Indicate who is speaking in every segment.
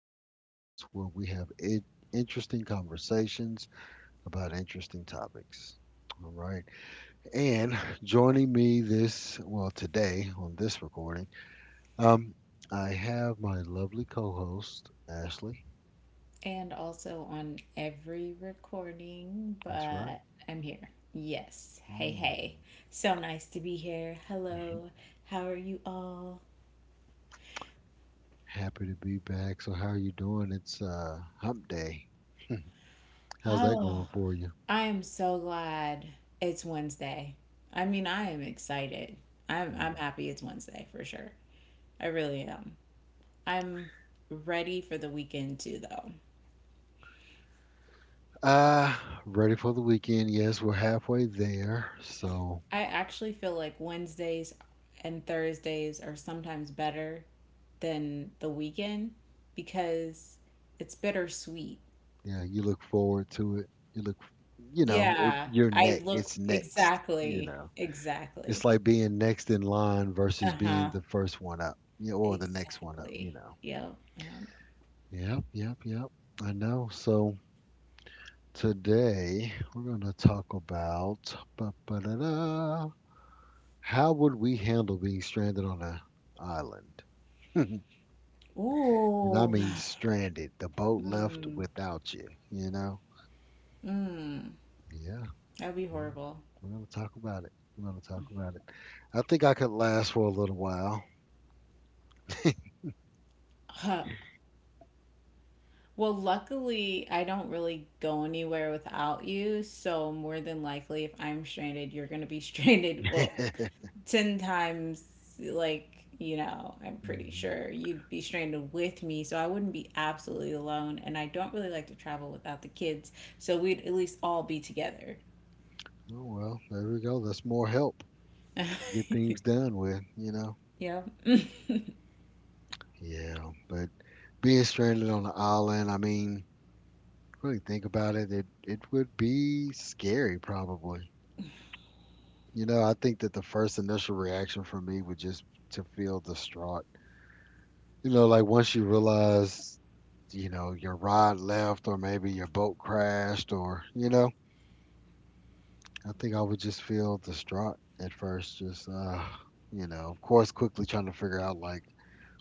Speaker 1: podcast where we have interesting conversations about interesting topics. All right. And joining me well, today on this recording, um, I have my lovely co host, Ashley.
Speaker 2: And also on every recording,
Speaker 1: That's right.
Speaker 2: but I'm here. Yes. Hey, hey.
Speaker 1: Mm.
Speaker 2: So nice to be here. Hello. How are you all?
Speaker 1: Happy to be back. So, how are you doing? It's hump day. How's that
Speaker 2: Oh,
Speaker 1: going for you?
Speaker 2: I am so glad it's Wednesday. I mean, I am excited. I'm
Speaker 1: Mm.
Speaker 2: happy it's Wednesday for sure. I really am. I'm ready for the weekend too though.
Speaker 1: Uh, Ready for the weekend. Yes, we're halfway there. So,
Speaker 2: I actually feel like Wednesdays and Thursdays are sometimes better than the weekend because it's bittersweet.
Speaker 1: yeah, you look forward to it. You look, you know, it,
Speaker 2: Yeah,
Speaker 1: you're
Speaker 2: I
Speaker 1: next.
Speaker 2: look
Speaker 1: It's next, you
Speaker 2: exactly,
Speaker 1: know. It's
Speaker 2: exactly.
Speaker 1: like being next in line versus being
Speaker 2: Uh-huh.
Speaker 1: the first one up, or the next one up, you
Speaker 2: Exactly.
Speaker 1: know.
Speaker 2: Yep, yep.
Speaker 1: Yep, yep, yep. I know. So, today we're going to talk about ba-ba-da-da, how would we handle being stranded on an island? And I
Speaker 2: Ooh.
Speaker 1: mean stranded. The boat left
Speaker 2: Mm,
Speaker 1: without you, you know?
Speaker 2: mm.
Speaker 1: Yeah,
Speaker 2: That'd be
Speaker 1: yeah.
Speaker 2: horrible.
Speaker 1: We're gonna talk about it. We're gonna talk about it. I think I could last for a little while.
Speaker 2: Huh. Well, luckily, I don't really go anywhere without you, so more than likely, if I'm stranded, you're gonna be stranded. Well,
Speaker 1: Hmm.
Speaker 2: 10 times, like, you know, I'm pretty sure you'd be stranded with me, so I wouldn't be absolutely alone, and I don't really like to travel without the kids, so we'd at least all be together.
Speaker 1: Oh well, there we go. That's more help to get things done with.
Speaker 2: Yep.
Speaker 1: Yeah, but being stranded on an island, I mean, really think about it, it would be scary probably. You know, I think that the first initial reaction for me would just to feel distraught. You know, like once you realize, you know, your rod left or maybe your boat crashed, or, you know, I think I would just feel distraught at first, just you know, of course quickly trying to figure out like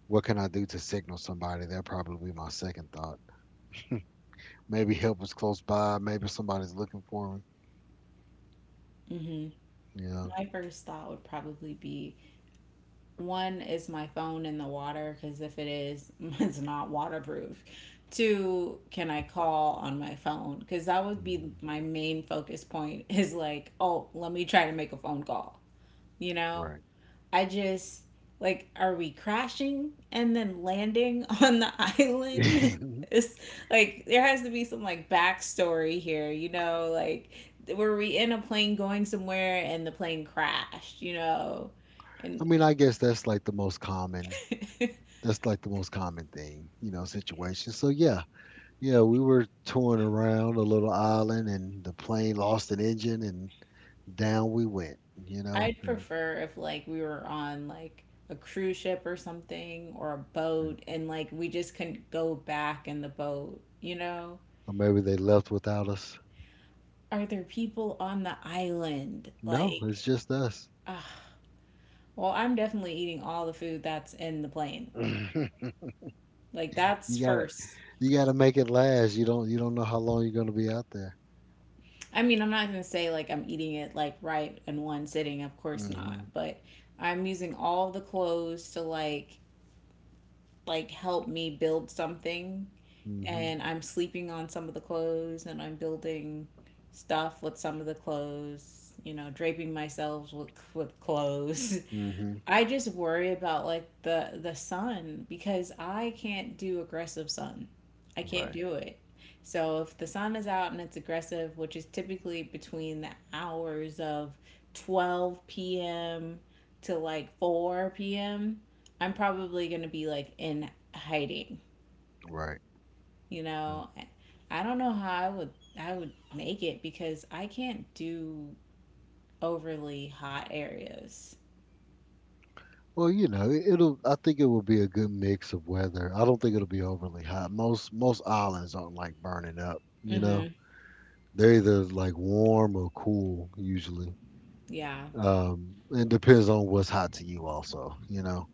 Speaker 1: what can I do to signal somebody? That'd probably be my second thought. Maybe help is close by, maybe somebody's looking for me.
Speaker 2: Hmm.
Speaker 1: Yeah.
Speaker 2: My first thought would probably be, one, is my phone in the water, because if it is it's not waterproof. Two, can I call on my phone, because that would be
Speaker 1: Hmm.
Speaker 2: my main focus point, is like, oh, let me try to make a phone call. You know,
Speaker 1: Right.
Speaker 2: I just, like, are we crashing and then landing on the island? It's like there has to be some, like, backstory here, you know, like, were we in a plane going somewhere and the plane crashed, you know?
Speaker 1: I
Speaker 2: And
Speaker 1: mean, I guess that's like the most common. That's like the most common thing, you know, situation. So yeah, yeah, we were touring around a little island and the plane lost an engine, and down we went, you know,
Speaker 2: I'd
Speaker 1: and
Speaker 2: prefer if, like, we were on like a cruise ship or something or a boat and, like, we just couldn't go back in the boat, you know?
Speaker 1: or maybe they left without us.
Speaker 2: Are there people on the island?
Speaker 1: No, it's
Speaker 2: Like,
Speaker 1: just us.
Speaker 2: ugh. Well, I'm definitely eating all the food that's in the plane. Like, that's
Speaker 1: You gotta
Speaker 2: first.
Speaker 1: you gotta make it last. You don't know how long you're gonna be out there.
Speaker 2: I mean, I'm not going to say like I'm eating it like right in one sitting, of course not,
Speaker 1: Mhm.
Speaker 2: but I'm using all the clothes to like help me build something,
Speaker 1: Mhm.
Speaker 2: and I'm sleeping on some of the clothes, and I'm building stuff with some of the clothes, you know, draping myself with clothes.
Speaker 1: Mhm.
Speaker 2: I just worry about like the sun, because I can't do aggressive sun. I can't
Speaker 1: Right.
Speaker 2: do it. So if the sun is out and it's aggressive, which is typically between the hours of 12 p.m. to like 4 p.m., I'm probably going to be like in hiding,
Speaker 1: Right.
Speaker 2: you
Speaker 1: Yeah.
Speaker 2: know. I don't know how I would make it, because I can't do overly hot areas.
Speaker 1: Well, you know, it- it'll. I think it will be a good mix of weather. I don't think it'll be overly hot. Most islands aren't like burning up, you know.
Speaker 2: Mhm.
Speaker 1: They're either like warm or cool usually.
Speaker 2: Yeah.
Speaker 1: It depends on what's hot to you also, you know.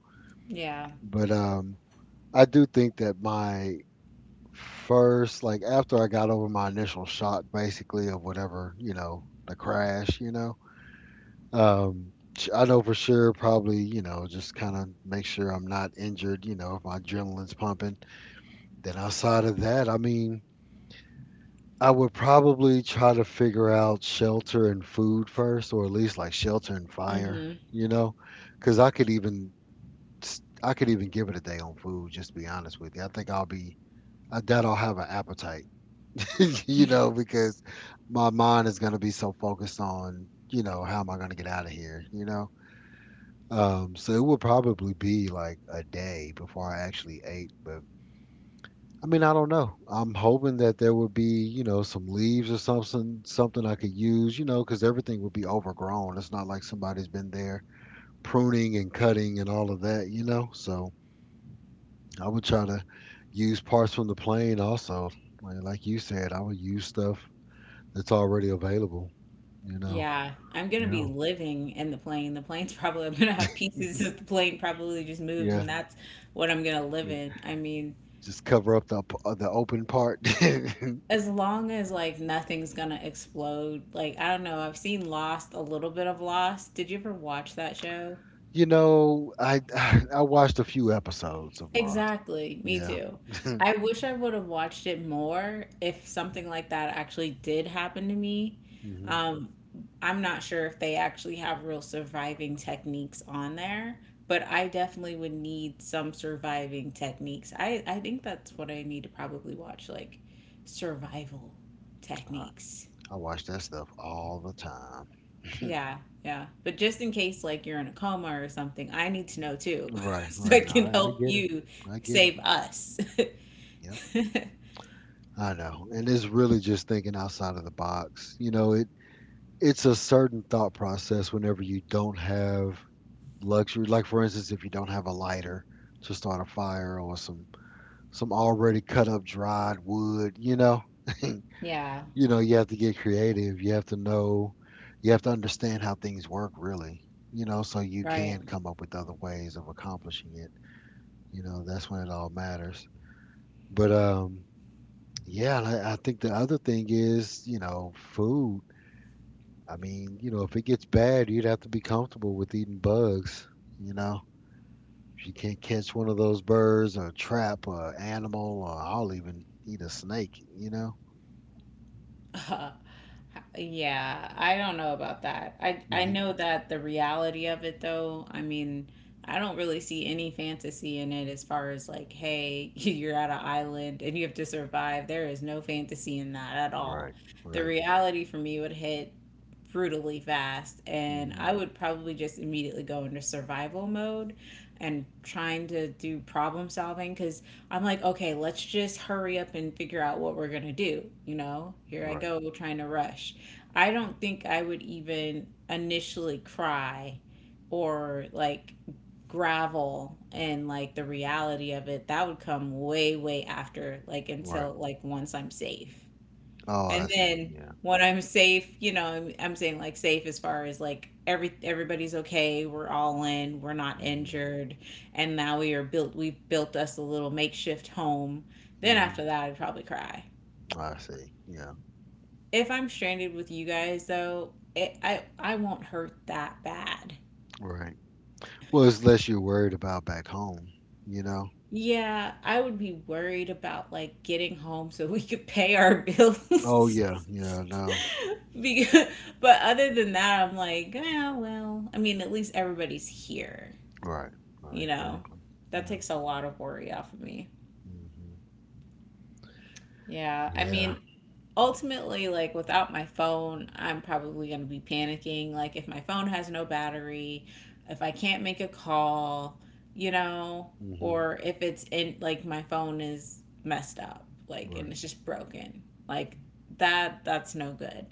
Speaker 2: Yeah.
Speaker 1: But I do think that my first, like after I got over my initial shock, basically of whatever, you know, the crash, you know, I know for sure probably, you know, just kind of make sure I'm not injured, you know, if my adrenaline's pumping. Then outside of that, I mean, I would probably try to figure out shelter and food first, or at least like shelter and fire,
Speaker 2: Mhm.
Speaker 1: you know, because I could even I could even give it a day on food. Just to be honest with you, I doubt I'll have an appetite, you know, because my mind is gonna be so focused on you know how am I gonna get out of here, you know. So it would probably be like a day before I actually ate, but I mean, I don't know. I'm hoping that there would be, you know, some leaves or something, something I could use, you know, because everything would be overgrown. It's not like somebody's been there pruning and cutting and all of that, you know. So I would try to use parts from the plane also. Like you said, I would use stuff that's already available, you know.
Speaker 2: Yeah, I'm gonna be
Speaker 1: Yeah.
Speaker 2: living in the plane. The plane's probably, I'm gonna have pieces of the plane probably just moved, and
Speaker 1: Yeah.
Speaker 2: that's what I'm gonna live in. I mean,
Speaker 1: Just cover up the open part.
Speaker 2: as long as like nothing's gonna explode, like I don't know, I've seen Lost, a little bit of Lost. Did you ever watch that show?
Speaker 1: You know, I I watched a few episodes of Lost.
Speaker 2: Exactly, me
Speaker 1: Yeah.
Speaker 2: too. I wish I would have watched it more if something like that actually did happen to me.
Speaker 1: Hmm.
Speaker 2: Um, I'm not sure if they actually have real surviving techniques on there, but I definitely would need some surviving techniques. I think that's what I need to probably watch, like survival techniques.
Speaker 1: I watch that stuff all the time.
Speaker 2: Yeah, yeah. But just in case, like, you're in a coma or something, I need to know too,
Speaker 1: Right,
Speaker 2: so I
Speaker 1: right. Now
Speaker 2: can
Speaker 1: I
Speaker 2: help
Speaker 1: get it.
Speaker 2: you
Speaker 1: I get it.
Speaker 2: save us.
Speaker 1: Yep. I know. And it's really just thinking outside of the box. You know, it's a certain thought process whenever you don't have luxury. Like for instance, if you don't have a lighter to start a fire or some already cut up dried wood, you know. You
Speaker 2: Yeah,
Speaker 1: know, you have to get creative. You have to understand how things work really. You know, so you can
Speaker 2: right.
Speaker 1: come up with other ways of accomplishing it. You know, that's when it all matters. But yeah, I think the other thing is, you know, food. I mean, you know, if it gets bad, you'd have to be comfortable with eating bugs. You know, if you can't catch one of those birds or trap or animal, or I'll even eat a snake. You know.
Speaker 2: Uh, Yeah, I don't know about that. I
Speaker 1: Mhm.
Speaker 2: know that the reality of it though, I mean, I don't really see any fantasy in it as far as like, hey, you're at an island and you have to survive. There is no fantasy in that at
Speaker 1: Right.
Speaker 2: all. The
Speaker 1: Right.
Speaker 2: reality for me would hit brutally fast, and
Speaker 1: Hmm.
Speaker 2: I would probably just immediately go into survival mode and trying to do problem solving cuz I'm like, okay, let's just hurry up and figure out what we're going to do, you know? Here I
Speaker 1: Right.
Speaker 2: go trying to rush. I don't think I would even initially cry or like gravel and like the reality of it. That would come way, way after, like
Speaker 1: Right.
Speaker 2: until like once I'm safe.
Speaker 1: Oh,
Speaker 2: And
Speaker 1: I see.
Speaker 2: then
Speaker 1: Yeah.
Speaker 2: when I'm safe, you know, I'm saying like safe as far as like everybody's okay, we're all in, we're not
Speaker 1: Hmm.
Speaker 2: injured, and now we've built us a little makeshift home. Then after
Speaker 1: Hmm.
Speaker 2: that I'd probably cry.
Speaker 1: I see. Yeah.
Speaker 2: If I'm stranded with you guys, though, it, I won't hurt that bad.
Speaker 1: Right. Well, it's less you're worried about back home. You know.
Speaker 2: Yeah, I would be worried about like getting home so we could pay our
Speaker 1: Oh
Speaker 2: bills.
Speaker 1: yeah, yeah, no,
Speaker 2: Because, but other than that, I'm like, yeah, well, I mean, at least everybody's here.
Speaker 1: right, right,
Speaker 2: You know,
Speaker 1: exactly,
Speaker 2: that
Speaker 1: yeah,
Speaker 2: takes a lot of worry off of me.
Speaker 1: hmm,
Speaker 2: Yeah, I
Speaker 1: yeah,
Speaker 2: mean, ultimately, like without my phone, I'm probably going to be panicking, like if my phone has no battery, if I can't make a call, you know,
Speaker 1: hmm,
Speaker 2: or if it's in, like, my phone is messed up like and
Speaker 1: right,
Speaker 2: it's just broken, like, that that's no good.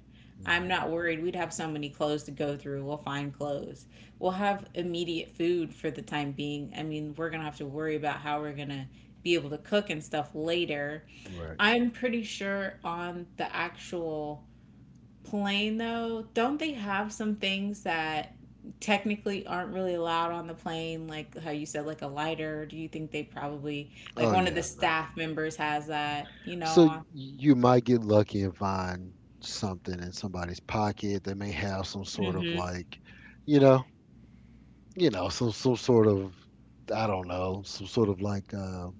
Speaker 2: I'm
Speaker 1: hmm,
Speaker 2: not worried, we'd have so many clothes to go through, we'll find clothes, we'll have immediate food for the time being. I mean, we're going to have to worry about how we're going to be able to cook and stuff later.
Speaker 1: right.
Speaker 2: I'm pretty sure on the actual plane, though, don't they have some things that technically aren't really allowed on the plane? Like how you said, like a lighter. Do you think they probably, like
Speaker 1: Oh
Speaker 2: one of the
Speaker 1: yeah, no.
Speaker 2: staff members has that, you know?
Speaker 1: So
Speaker 2: On,
Speaker 1: you might get lucky and find something in somebody's pocket that may have some sort of
Speaker 2: mm-hmm.
Speaker 1: like, you know, some sort of, I don't know, some sort of like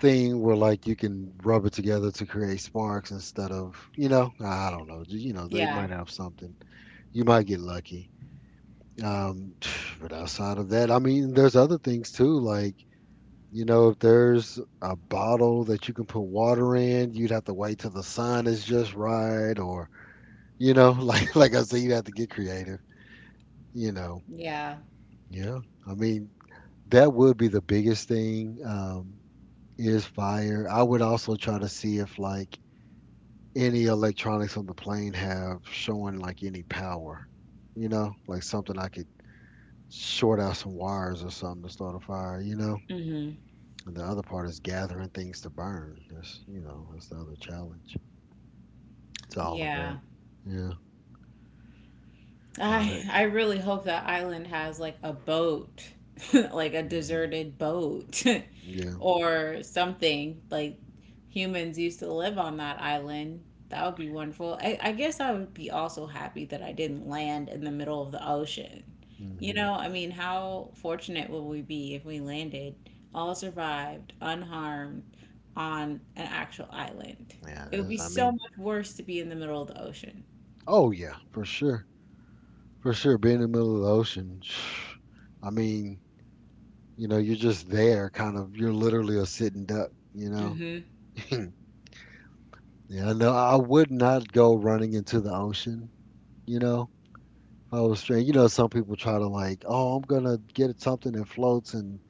Speaker 1: thing where like you can rub it together to create sparks instead of, you know, I don't know, you know, they
Speaker 2: Yeah.
Speaker 1: might have something. You might get lucky. Um, but outside of that, I mean, there's other things too. Like, you know, if there's a bottle that you can put water in, you'd have to wait till the sun is just right, or you know, like I said, you'd have to get creative. You know,
Speaker 2: Yeah.
Speaker 1: yeah. I mean, that would be the biggest thing. Is fire. I would also try to see if like any electronics on the plane have showing like any power. You know, like something I could short out some wires or something to start a fire. You know.
Speaker 2: Mm-hmm.
Speaker 1: And the other part is gathering things to burn. That's you know that's the other challenge to all of
Speaker 2: Yeah.
Speaker 1: that. Yeah, no that.
Speaker 2: I really hope that island has like a boat, like a
Speaker 1: Hmm.
Speaker 2: deserted boat,
Speaker 1: Yeah,
Speaker 2: or something, like humans used to live on that island. That would be wonderful. I guess I would be also happy that I didn't land in the middle of the ocean. You
Speaker 1: hmm,
Speaker 2: know, I mean, how fortunate would we be if we landed, all survived, unharmed on an actual island?
Speaker 1: yeah.
Speaker 2: It would be
Speaker 1: That's I
Speaker 2: so
Speaker 1: mean,
Speaker 2: much worse to be in the middle of the ocean.
Speaker 1: oh yeah, for sure, for sure. Being in the middle of the ocean, I mean, you know, you're just there, kind of. You're literally a sitting duck, you know.
Speaker 2: Hmm.
Speaker 1: Yeah, no, I would not go running into the ocean, you know. If I was straight, you know, some people try to like, oh, I'm gonna get something that floats and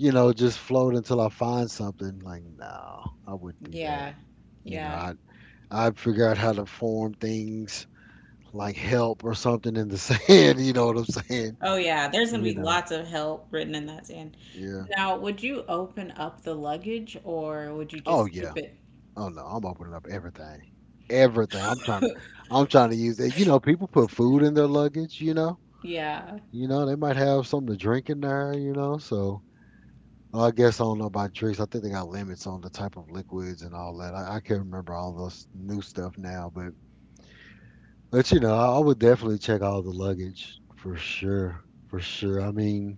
Speaker 1: you know, just float until I find something. Like, no, I wouldn't do that.
Speaker 2: Yeah.
Speaker 1: You know,
Speaker 2: Yeah.
Speaker 1: I'd figure out how to form things like help or something in the sand. You know what I'm saying?
Speaker 2: Oh yeah, there's gonna
Speaker 1: You
Speaker 2: be
Speaker 1: know,
Speaker 2: lots of help written in that sand.
Speaker 1: yeah.
Speaker 2: Now, would you open up the luggage or would you
Speaker 1: Oh
Speaker 2: just
Speaker 1: yeah.
Speaker 2: keep it?
Speaker 1: Oh no, I'm opening up everything. Everything. I'm trying. I'm trying to use it. You know, people put food in their luggage. You know.
Speaker 2: Yeah,
Speaker 1: You know, they might have something to drink in there. You know, so. Well, I guess I don't know about drinks. I think they got limits on the type of liquids and all that. I can't remember all those new stuff now, But you know, I would definitely check all the luggage for sure, for sure. I mean,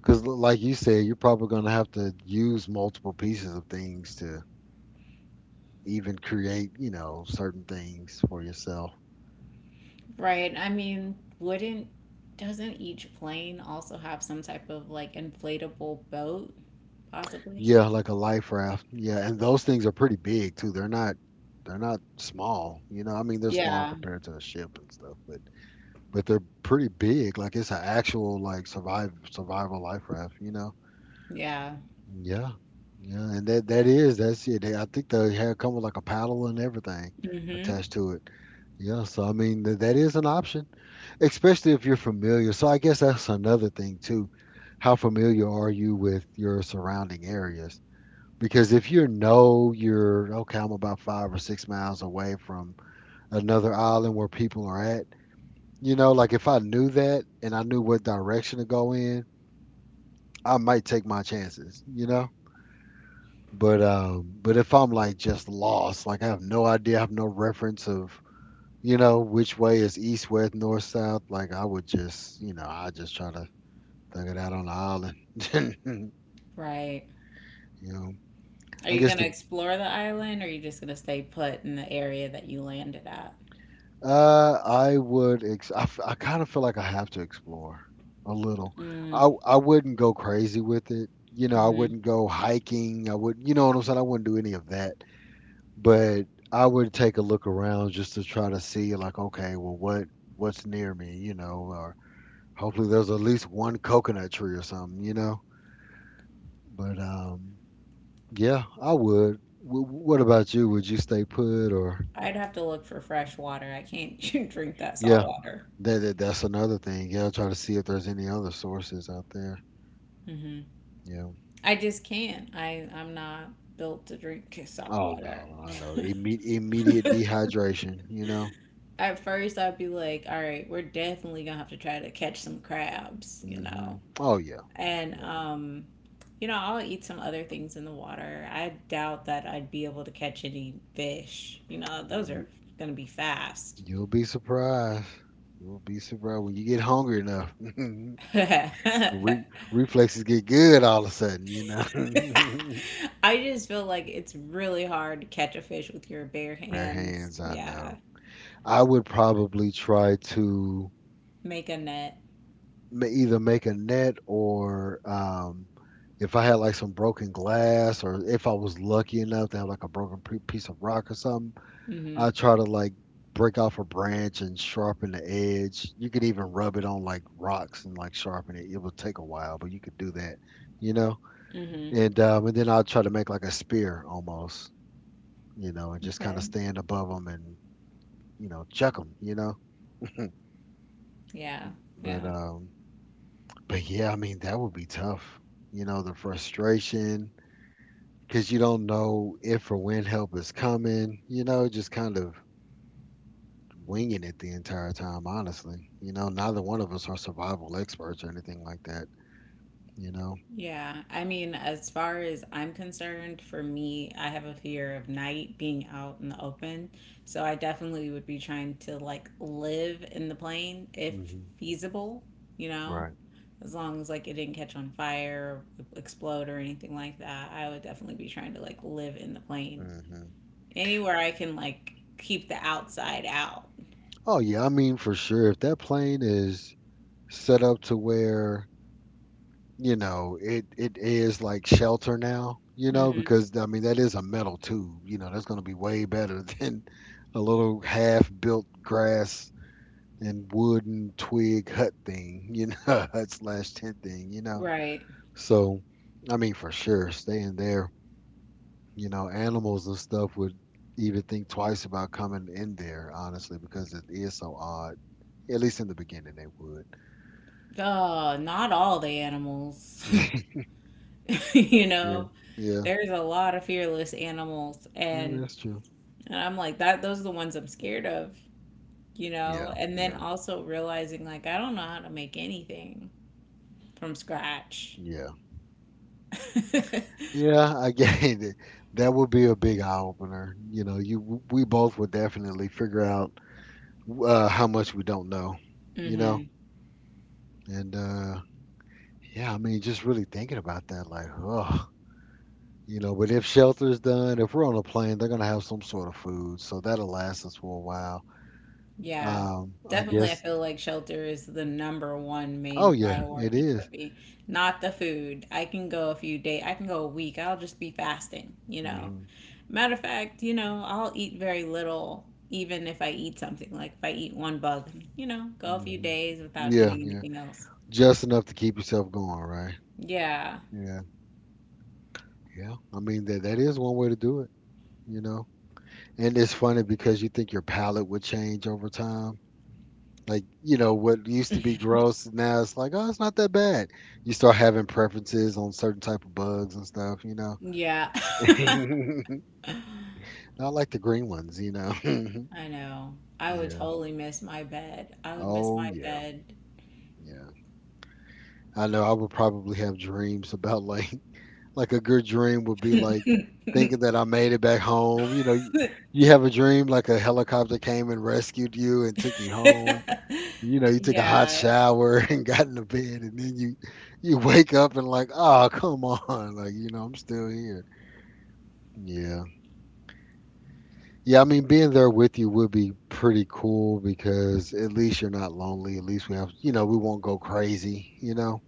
Speaker 1: because like you said, you're probably going to have to use multiple pieces of things to even create, you know, certain things for yourself.
Speaker 2: right. I mean, wouldn't doesn't each plane also have some type of like inflatable boat possibly?
Speaker 1: Yeah, like a life raft. Yeah, and those things are pretty big too. They're not small. You know, I mean, they're small
Speaker 2: Yeah,
Speaker 1: compared to a ship and stuff, but they're pretty big. Like it's an actual like survive survival life raft, you know.
Speaker 2: yeah.
Speaker 1: Yeah, yeah, and that's it. I think they had come with like a paddle and everything
Speaker 2: Hmm.
Speaker 1: attached to it. Yeah, so I mean that is an option, especially if you're familiar. So I guess that's another thing too. How familiar are you with your surrounding areas? Because if you know you're okay, I'm about 5 or 6 miles away from another island where people are at. You know, like if I knew that and I knew what direction to go in, I might take my chances. You know. But if I'm like just lost, like I have no idea, I have no reference of you know which way is east, west, north, south. Like I would just you know I just try to thug it out on the island. You
Speaker 2: Right.
Speaker 1: know,
Speaker 2: Are
Speaker 1: I
Speaker 2: you
Speaker 1: guess
Speaker 2: gonna
Speaker 1: the
Speaker 2: explore the island or are you just gonna stay put in the area that you landed at?
Speaker 1: I would ex- I, f- I kind of feel like I have to explore a little.
Speaker 2: Mm-hmm.
Speaker 1: I wouldn't go crazy with it. You know, I wouldn't go hiking. I would, you know what I'm saying? I wouldn't do any of that. But I would take a look around just to try to see like, okay, well, what's near me, you know, or hopefully there's at least one coconut tree or something, you know. But yeah, I would. What about you? Would you stay put or
Speaker 2: I'd have to look for fresh water. I can't drink that
Speaker 1: yeah,
Speaker 2: salt water.
Speaker 1: that's another thing. Yeah, try to see if there's any other sources out there.
Speaker 2: Hmm.
Speaker 1: Yeah.
Speaker 2: I just can't. I'm not built to drink salt
Speaker 1: Oh
Speaker 2: water.
Speaker 1: no, I know. Immediate dehydration, you know.
Speaker 2: At first, I'd be like, all right, we're definitely gonna have to try to catch some crabs, you know,
Speaker 1: Mhm. Oh yeah.
Speaker 2: and
Speaker 1: Yeah.
Speaker 2: you know, I'll eat some other things in the water. I doubt that I'd be able to catch any fish. You know, those
Speaker 1: You,
Speaker 2: are gonna be fast.
Speaker 1: You'll be surprised. You'll be surprised when you get hungry enough.
Speaker 2: I
Speaker 1: Reflexes get good all of a sudden, you know.
Speaker 2: just feel like it's really hard to catch a fish with your bare
Speaker 1: Bare
Speaker 2: hands.
Speaker 1: hands, I know.
Speaker 2: Yeah,
Speaker 1: I would probably try to
Speaker 2: make a net.
Speaker 1: either make a net or if I had like some broken glass or if I was lucky enough to have like a broken piece of rock or something.
Speaker 2: Mm-hmm.
Speaker 1: I try to like break off a branch and sharpen the edge. You could even rub it on like rocks and like sharpen it. It would take a while, but you could do that, you know.
Speaker 2: Mm-hmm.
Speaker 1: And then I'll try to make like a spear almost, you know, and just kind of
Speaker 2: Okay.
Speaker 1: stand above them and you know chuck them, you know.
Speaker 2: Yeah.
Speaker 1: But
Speaker 2: Yeah.
Speaker 1: um, but yeah, I mean that would be tough, you know, the frustration because you don't know if or when help is coming, you know, just kind of winging it the entire time, honestly. You know, neither one of us are survival experts or anything like that, you know?
Speaker 2: Yeah. I mean, as far as I'm concerned, for me, I have a fear of night being out in the open. So I definitely would be trying to like live in the plane if
Speaker 1: Hmm
Speaker 2: feasible, you know,
Speaker 1: Right.
Speaker 2: as long as like it didn't catch on fire or explode or anything like that. I would definitely be trying to like live in the plane
Speaker 1: hmm
Speaker 2: anywhere I can like keep the outside out.
Speaker 1: Oh, yeah. I mean, for sure. If that plane is set up to where, you know, it is like shelter now, you know,
Speaker 2: Hmm.
Speaker 1: because, I mean, that is a metal tube. You know, that's going to be way better than a little half built grass and wooden twig hut thing, you know, hut slash tent thing, you know?
Speaker 2: Right.
Speaker 1: So, I mean, for sure, staying there. You know, animals and stuff would even think twice about coming in there, honestly, because it is so odd. At least in the beginning, they would.
Speaker 2: Oh, not all the animals, you
Speaker 1: Yeah,
Speaker 2: know.
Speaker 1: yeah,
Speaker 2: There's a lot of fearless animals,
Speaker 1: yeah, that's true.
Speaker 2: and I'm like that those are the ones I'm scared of, you know?
Speaker 1: Yeah,
Speaker 2: And then
Speaker 1: yeah,
Speaker 2: also realizing like I don't know how to make anything from scratch.
Speaker 1: yeah, yeah. I get it. That would be a big eye opener. You know, you we both would definitely figure out how much we don't know. You know,
Speaker 2: Mhm.
Speaker 1: and yeah, I mean, just really thinking about that, like, oh. You know, but if shelter's done, if we're on a plane, they're gonna have some sort of food, so that'll last us for a while.
Speaker 2: Yeah.
Speaker 1: I
Speaker 2: Definitely I
Speaker 1: guess.
Speaker 2: feel like shelter is the number one main
Speaker 1: Oh yeah, it
Speaker 2: priority for
Speaker 1: is.
Speaker 2: me. Not the food. I can go a few days, I can go a week. I'll just be fasting, you know.
Speaker 1: Mm-hmm.
Speaker 2: Matter of fact, you know, I'll eat very little, even if I eat something. Like if I eat one bug, you know, go a few
Speaker 1: Mm-hmm.
Speaker 2: days without
Speaker 1: Yeah,
Speaker 2: eating
Speaker 1: yeah.
Speaker 2: anything else.
Speaker 1: Just enough to keep yourself going, right?
Speaker 2: Yeah.
Speaker 1: Yeah, yeah. I mean that is one way to do it. You know, and it's funny because you think your palate would change over time. Like you know what used to be gross, now it's like, oh, it's not that bad. You start having preferences on certain type of bugs and stuff. You know.
Speaker 2: Yeah.
Speaker 1: Not like the green ones, you know?
Speaker 2: I know. I would
Speaker 1: Yeah.
Speaker 2: totally miss my bed. I would miss
Speaker 1: Oh,
Speaker 2: my
Speaker 1: yeah.
Speaker 2: bed.
Speaker 1: Yeah. I know I would probably have dreams about, like, like, a good dream would be, like, thinking that I made it back home, you know? You have a dream like a helicopter came and rescued you and took you home. You know, you took a hot
Speaker 2: Yeah.
Speaker 1: shower and got into bed, and then you wake up and like, "Oh, come on." Like, you know, "I'm still here." Yeah. Yeah, I mean, being there with you would be pretty cool because at least you're not lonely. At least we have, you know, we won't go crazy, you know?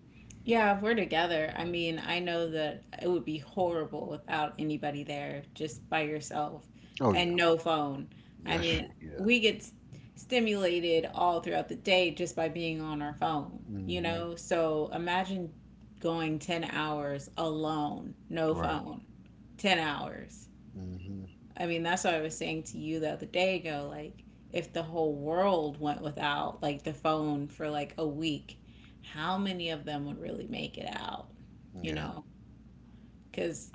Speaker 2: Yeah, if we're together, I mean, I know that it would be horrible without anybody there, just by yourself
Speaker 1: Oh, yeah.
Speaker 2: and no phone. I
Speaker 1: Yes,
Speaker 2: mean,
Speaker 1: yeah.
Speaker 2: we get stimulated all throughout the day just by being on our phone, you
Speaker 1: hmm
Speaker 2: know? So imagine going 10 hours alone, no
Speaker 1: Right.
Speaker 2: phone, 10 hours.
Speaker 1: hmm
Speaker 2: I mean, that's what I was saying to you the other day ago. Like, if the whole world went without, like, the phone for like a week, how many of them would really make it out? You
Speaker 1: Yeah.
Speaker 2: know, because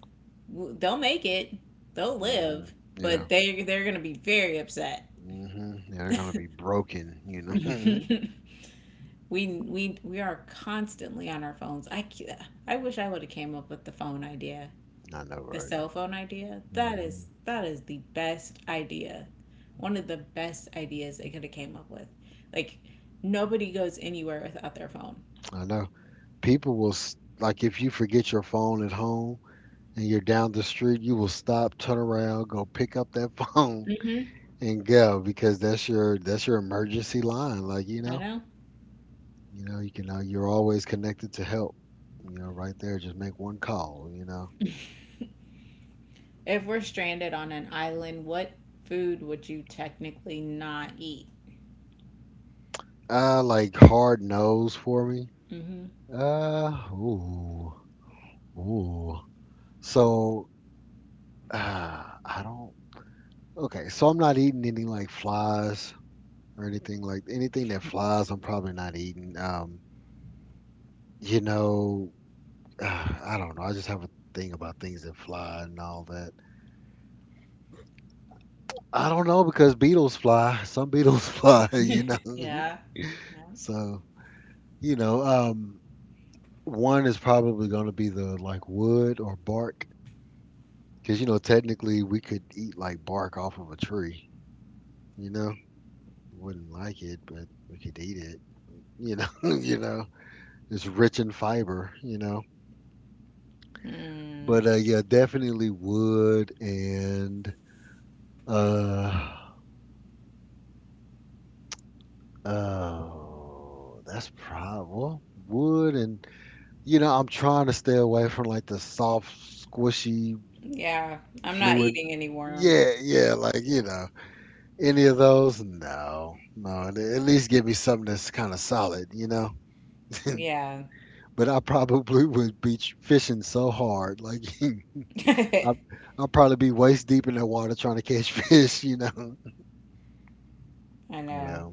Speaker 2: they'll make it, they'll
Speaker 1: hmm
Speaker 2: live,
Speaker 1: Yeah.
Speaker 2: but they they're gonna be very upset.
Speaker 1: hmm Yeah, they're going to be broken, you know? Mhm.
Speaker 2: We are constantly on our phones. I wish I would have came up with the phone idea,
Speaker 1: I know,
Speaker 2: the
Speaker 1: right?
Speaker 2: cell phone idea. That is
Speaker 1: hmm
Speaker 2: that is the best idea, one of the best ideas they could have came up with. Like nobody goes anywhere without their phone.
Speaker 1: I know. People will, like, if you forget your phone at home and you're down the street, you will stop, turn around, go pick up that phone
Speaker 2: Hmm
Speaker 1: and go because that's your emergency line. Like you
Speaker 2: I
Speaker 1: know,
Speaker 2: know.
Speaker 1: you know you can you're always connected to help. You know, right there, just make one call. You know,
Speaker 2: If we're stranded on an island, what food would you technically not eat?
Speaker 1: like hard nose for me.
Speaker 2: Hmm
Speaker 1: Ooh, ooh. So I don't. Okay, so I'm not eating any like flies or anything like anything that flies. I'm probably not eating. You know, I don't know. I just have a thing about things that fly and all that. I don't know because beetles fly. Some beetles fly, you know.
Speaker 2: Yeah. Yeah.
Speaker 1: So, you know, one is probably going to be the like wood or bark because, you know, technically we could eat like bark off of a tree, you know. Wouldn't like it, but we could eat it, you know. You know, it's rich in fiber, you know.
Speaker 2: Mm.
Speaker 1: But yeah, definitely wood and uh oh, that's probably well, wood and. You know, I'm trying to stay away from like the soft, squishy,
Speaker 2: Yeah. I'm not
Speaker 1: fluid.
Speaker 2: eating any worms.
Speaker 1: Yeah, yeah, like, you know, any of those? No, no. At least give me something that's kind of solid, you know?
Speaker 2: Yeah.
Speaker 1: But I probably would be fishing so hard. Like,
Speaker 2: I
Speaker 1: I, I'll probably be waist deep in that water trying to catch fish, you know?
Speaker 2: know.
Speaker 1: Yeah,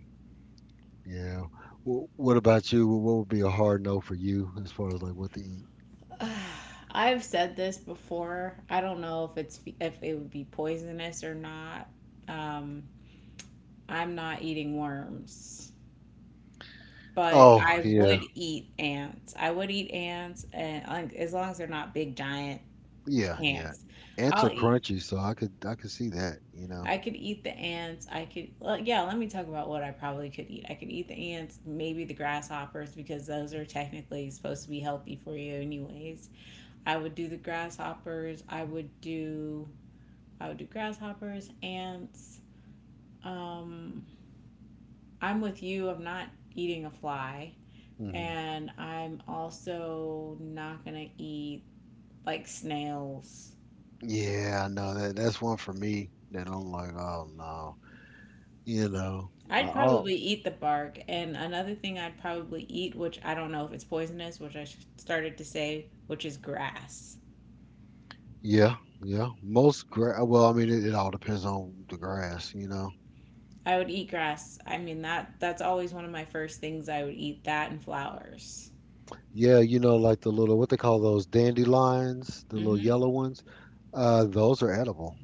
Speaker 1: yeah. What about you? What would be a hard no for you as far as like what to eat?
Speaker 2: I've said this before. I don't know if it's if it would be poisonous or not. Um, I'm not eating worms, but
Speaker 1: Oh,
Speaker 2: I
Speaker 1: yeah.
Speaker 2: would eat ants. I would eat ants, and like, as long as they're not big giant
Speaker 1: Yeah, yeah.
Speaker 2: ants,
Speaker 1: Ants
Speaker 2: I'll
Speaker 1: are
Speaker 2: eat
Speaker 1: crunchy, so I could see that, you know.
Speaker 2: I could eat the ants. I could, well, yeah, let me talk about what I probably could eat. I could eat the ants, maybe the grasshoppers, because those are technically supposed to be healthy for you, anyways. I would do the grasshoppers. I would do grasshoppers, ants. Um, I'm with you. I'm not eating a fly.
Speaker 1: Hmm
Speaker 2: And I'm also not going to eat like snails.
Speaker 1: Yeah, I know that that's one for me that I'm like, oh no, you know,
Speaker 2: I'd
Speaker 1: I'll
Speaker 2: probably eat the bark. And another thing I'd probably eat, which I don't know if it's poisonous, which I started to say, which is grass.
Speaker 1: yeah, yeah. Most well, I mean, it all depends on the grass, you know.
Speaker 2: I would eat grass. I mean that's always one of my first things I would eat, that and flowers.
Speaker 1: Yeah, you know, like the little what they call those dandelions, the little
Speaker 2: Mhm.
Speaker 1: yellow ones. Those are edible.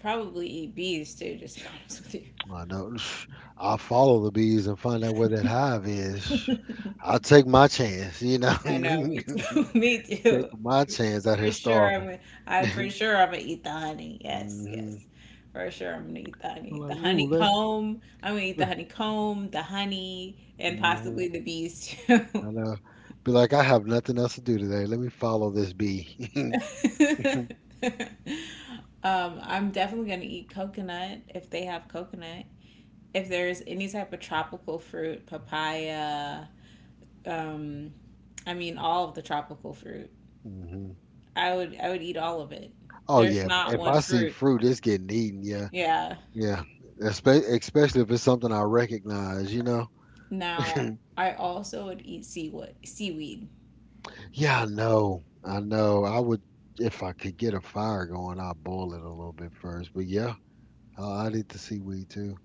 Speaker 2: Probably eat bees too, just to be honest with
Speaker 1: I know. I'll follow the bees and find out where that hive is.
Speaker 2: you.
Speaker 1: I'll take my chance, you know.
Speaker 2: I know, me too. Me too.
Speaker 1: Taking my chance out here
Speaker 2: For sure, I'm.
Speaker 1: starving.
Speaker 2: Gonna- I for sure I'm gonna eat the honey.
Speaker 1: hmm
Speaker 2: Yes,
Speaker 1: I'm
Speaker 2: yes, for sure I'm gonna eat the honey. The
Speaker 1: like, ooh, let,
Speaker 2: honeycomb. I'm gonna eat the honeycomb, the honey, and
Speaker 1: hmm
Speaker 2: possibly the bees too.
Speaker 1: I know. Be like, I have nothing else to do today. Let me follow this bee.
Speaker 2: I'm definitely gonna eat coconut if they have coconut. If there's any type of tropical fruit, papaya. Um, I mean all of the tropical fruit.
Speaker 1: hmm
Speaker 2: I would eat all of it.
Speaker 1: Oh
Speaker 2: There's
Speaker 1: yeah,
Speaker 2: not
Speaker 1: if
Speaker 2: one
Speaker 1: I see
Speaker 2: fruit.
Speaker 1: fruit, it's getting eaten. Yeah,
Speaker 2: Yeah.
Speaker 1: yeah. Especially if it's something I recognize. You know.
Speaker 2: Now, I also would eat seaweed. Seaweed.
Speaker 1: Yeah, I know. I know. I would if I could get a fire going. I'll boil it a little bit first. But yeah, I need the seaweed too.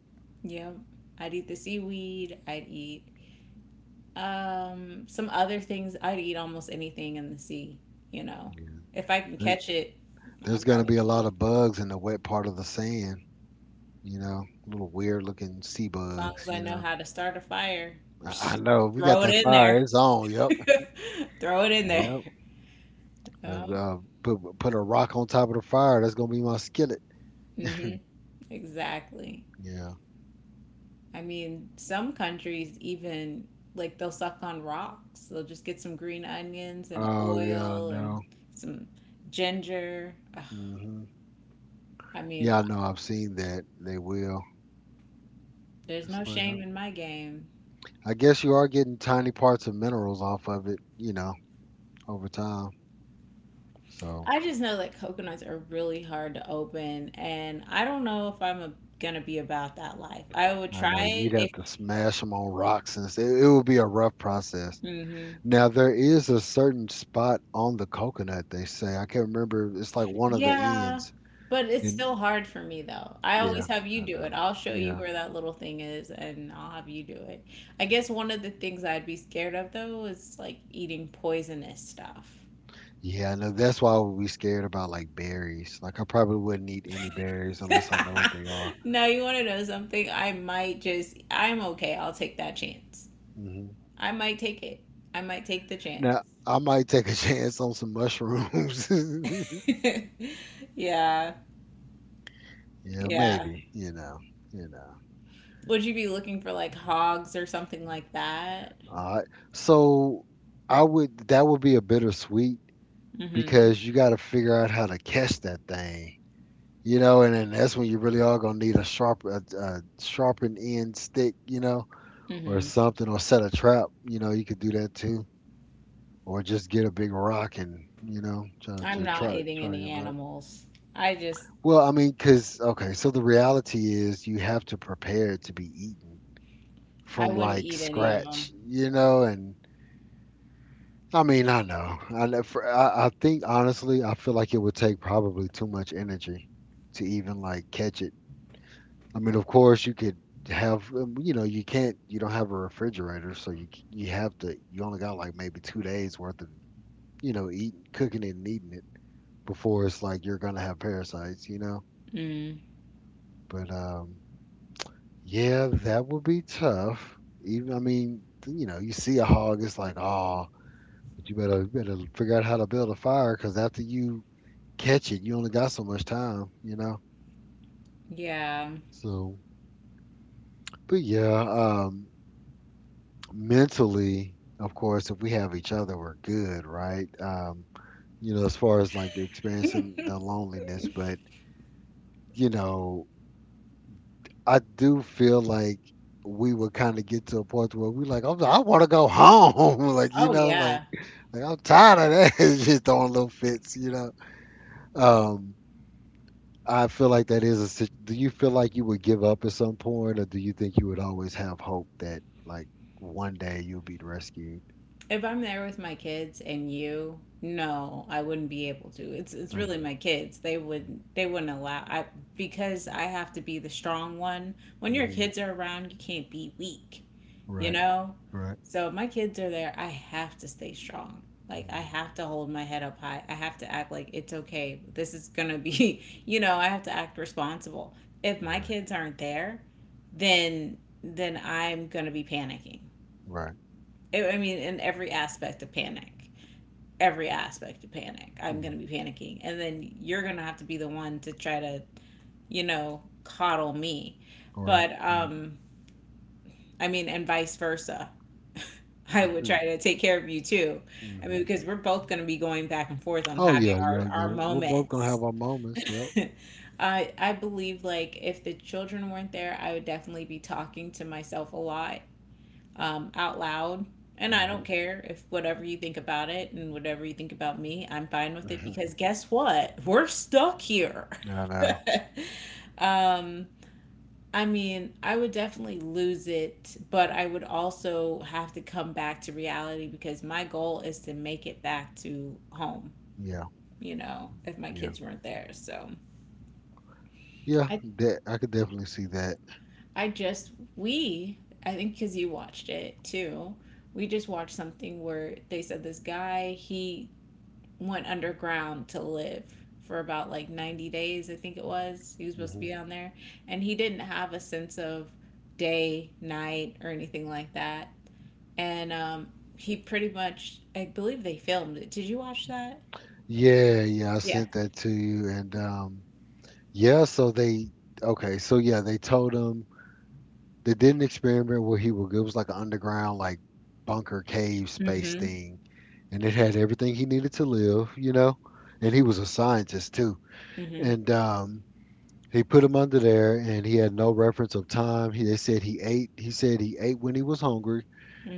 Speaker 2: Yeah, I'd eat the seaweed. I'd eat some other things. I'd eat almost anything in the sea. You know,
Speaker 1: Yeah.
Speaker 2: if I can
Speaker 1: There-
Speaker 2: catch it, I'm
Speaker 1: There's gonna
Speaker 2: probably
Speaker 1: be a
Speaker 2: gonna
Speaker 1: lot
Speaker 2: eat
Speaker 1: of bugs in the wet part of the sand. You know, little weird looking sea
Speaker 2: it. As long as
Speaker 1: bugs,
Speaker 2: I
Speaker 1: you
Speaker 2: know
Speaker 1: know.
Speaker 2: how to start a fire,
Speaker 1: I know we got
Speaker 2: throw it
Speaker 1: that
Speaker 2: in there.
Speaker 1: fire. It's on. Yep.
Speaker 2: Throw it in there.
Speaker 1: Yep. Uh,
Speaker 2: Um,
Speaker 1: uh, put a rock on top of the fire. That's gonna be my skillet.
Speaker 2: hmm exactly.
Speaker 1: Yeah.
Speaker 2: I mean, some countries even like they'll suck on rocks. They'll just get some green onions and
Speaker 1: Oh yeah. I
Speaker 2: oil and
Speaker 1: know.
Speaker 2: some ginger. Ugh,
Speaker 1: Hmm
Speaker 2: I mean,
Speaker 1: Yeah. I know. I've seen that. They will.
Speaker 2: there's
Speaker 1: It's
Speaker 2: no
Speaker 1: like
Speaker 2: shame in my game.
Speaker 1: I guess you are getting tiny parts of minerals off of it. You know, over time. So
Speaker 2: I just know that coconuts are really hard to open, and I don't know if I'm a, gonna be about that life. I would
Speaker 1: I
Speaker 2: try
Speaker 1: know
Speaker 2: it
Speaker 1: you'd have
Speaker 2: if.
Speaker 1: to smash them on rocks, and it would be a rough process.
Speaker 2: Mhm.
Speaker 1: Now there is a certain spot on the coconut they say. I can't remember. It's like one of the
Speaker 2: Yeah,
Speaker 1: ends.
Speaker 2: but it's
Speaker 1: And
Speaker 2: still hard for me though. I
Speaker 1: yeah,
Speaker 2: always have you
Speaker 1: I
Speaker 2: do it.
Speaker 1: know.
Speaker 2: I'll show you
Speaker 1: Yeah.
Speaker 2: where that little thing is and I'll have you do it. I guess one of the things I'd be scared of though is like eating poisonous stuff.
Speaker 1: Yeah, I know. That's why I would be scared about like berries. Like I probably wouldn't eat any berries unless I know what they are.
Speaker 2: Now you want to know something? I might just, I'm okay. I'll take that chance.
Speaker 1: Hmm
Speaker 2: I might take it. I might take the chance.
Speaker 1: Now I might take a chance on some mushrooms.
Speaker 2: Yeah,
Speaker 1: Yeah,
Speaker 2: yeah.
Speaker 1: maybe, you know, you know.
Speaker 2: Would you be looking for like hogs or something like that?
Speaker 1: All right. So I would that would be a bittersweet
Speaker 2: Mm-hmm.
Speaker 1: because you got to figure out how to catch that thing. You know, and then that's when you really are gonna need a sharp, a sharpened end stick, you know, or
Speaker 2: Mm-hmm.
Speaker 1: something, or set a trap. You know, you could do that too, or just get a big rock and you know, try
Speaker 2: I'm
Speaker 1: to
Speaker 2: not eating
Speaker 1: try
Speaker 2: any
Speaker 1: your luck.
Speaker 2: animals. I just,
Speaker 1: Well, I mean, cause okay, so the reality is you have to prepare it to be eaten
Speaker 2: I
Speaker 1: from
Speaker 2: wouldn't
Speaker 1: like
Speaker 2: eat any of them.
Speaker 1: scratch, you know, and I mean, I know, for, I think honestly, I feel like it would take probably too much energy to even like catch it. I mean, of course, you could have, you know, you can't, you don't have a refrigerator, so you you have to, you only got like maybe 2 days worth of, you know, eating, cooking it and eating it before it's like you're gonna have parasites, you know.
Speaker 2: Mm,
Speaker 1: But yeah, that would be tough. Even, I mean, you know, you see a hog, it's like, oh, but you better figure out how to build a fire because after you catch it, you only got so much time, you know.
Speaker 2: yeah.
Speaker 1: So, but yeah. Mentally, of course, if we have each other, we're good, right? As far as like experiencing the loneliness. But you know, I do feel like we would kind of get to a point where we like, I want to go home, like
Speaker 2: Oh, yeah.
Speaker 1: like I'm tired of that, it's just throwing little fits. Um, I feel like that is a. sit- Do you feel like you would give up at some point, or do you think you would always have hope that like one day you'll be rescued?
Speaker 2: If I'm there with my kids and you, no, I wouldn't be able to. It's really my kids. They would they wouldn't allow I because I have to be the strong one. When your
Speaker 1: Mm-hmm.
Speaker 2: kids are around, you can't be weak. You
Speaker 1: Right.
Speaker 2: know?
Speaker 1: Right.
Speaker 2: So if my kids are there, I have to stay strong. Like I
Speaker 1: Mhm.
Speaker 2: have to hold my head up high. I have to act like it's okay. This is going to be, you know, I have to act responsible. If my
Speaker 1: Right.
Speaker 2: kids aren't there, then I'm going to be panicking.
Speaker 1: Right.
Speaker 2: I mean, in every aspect of panic. Every aspect of panic. I'm going to
Speaker 1: Mm.
Speaker 2: be panicking. And then you're going to have to be the one to try to, you know, coddle me.
Speaker 1: Right.
Speaker 2: But
Speaker 1: Right.
Speaker 2: I mean, and vice versa. I would
Speaker 1: Hmm,
Speaker 2: try to take care of you too. I mean,
Speaker 1: hmm.
Speaker 2: because we're both going to be going back and forth on
Speaker 1: Oh
Speaker 2: having
Speaker 1: yeah, yeah, yeah.
Speaker 2: our
Speaker 1: We're both gonna
Speaker 2: moments.
Speaker 1: have our moments. Yep.
Speaker 2: I believe like if the children weren't there, I would definitely be talking to myself a lot out loud. And I
Speaker 1: Hmm.
Speaker 2: don't care if whatever you think about it and whatever you think about me, I'm fine with it because
Speaker 1: I
Speaker 2: guess what? We're stuck here.
Speaker 1: know.
Speaker 2: um, I mean, I would definitely lose it, but I would also have to come back to reality because my goal is to make it back to home,
Speaker 1: Yeah.
Speaker 2: you know, if my
Speaker 1: Yeah.
Speaker 2: kids weren't there. So
Speaker 1: Yeah.
Speaker 2: I
Speaker 1: That I could definitely see that.
Speaker 2: I just we I think cuz you watched it too. We just watched something where they said this guy, he went underground to live for about like 90 days, I think it was. He was supposed to
Speaker 1: Hmm.
Speaker 2: be down there and he didn't have a sense of day, night, or anything like that. And He pretty much, I believe they filmed it. Did you watch that?
Speaker 1: Yeah. Yeah. I
Speaker 2: Yeah.
Speaker 1: sent that to you, and yeah. So they okay. So yeah, they told him, they did an experiment where he would. It was like an underground, like bunker cave space
Speaker 2: Mm-hmm.
Speaker 1: thing, and it had everything he needed to live. You know, and he was a scientist too.
Speaker 2: Mm-hmm.
Speaker 1: And he put him under there, and he had no reference of time. They said he ate. He said he ate when he was hungry.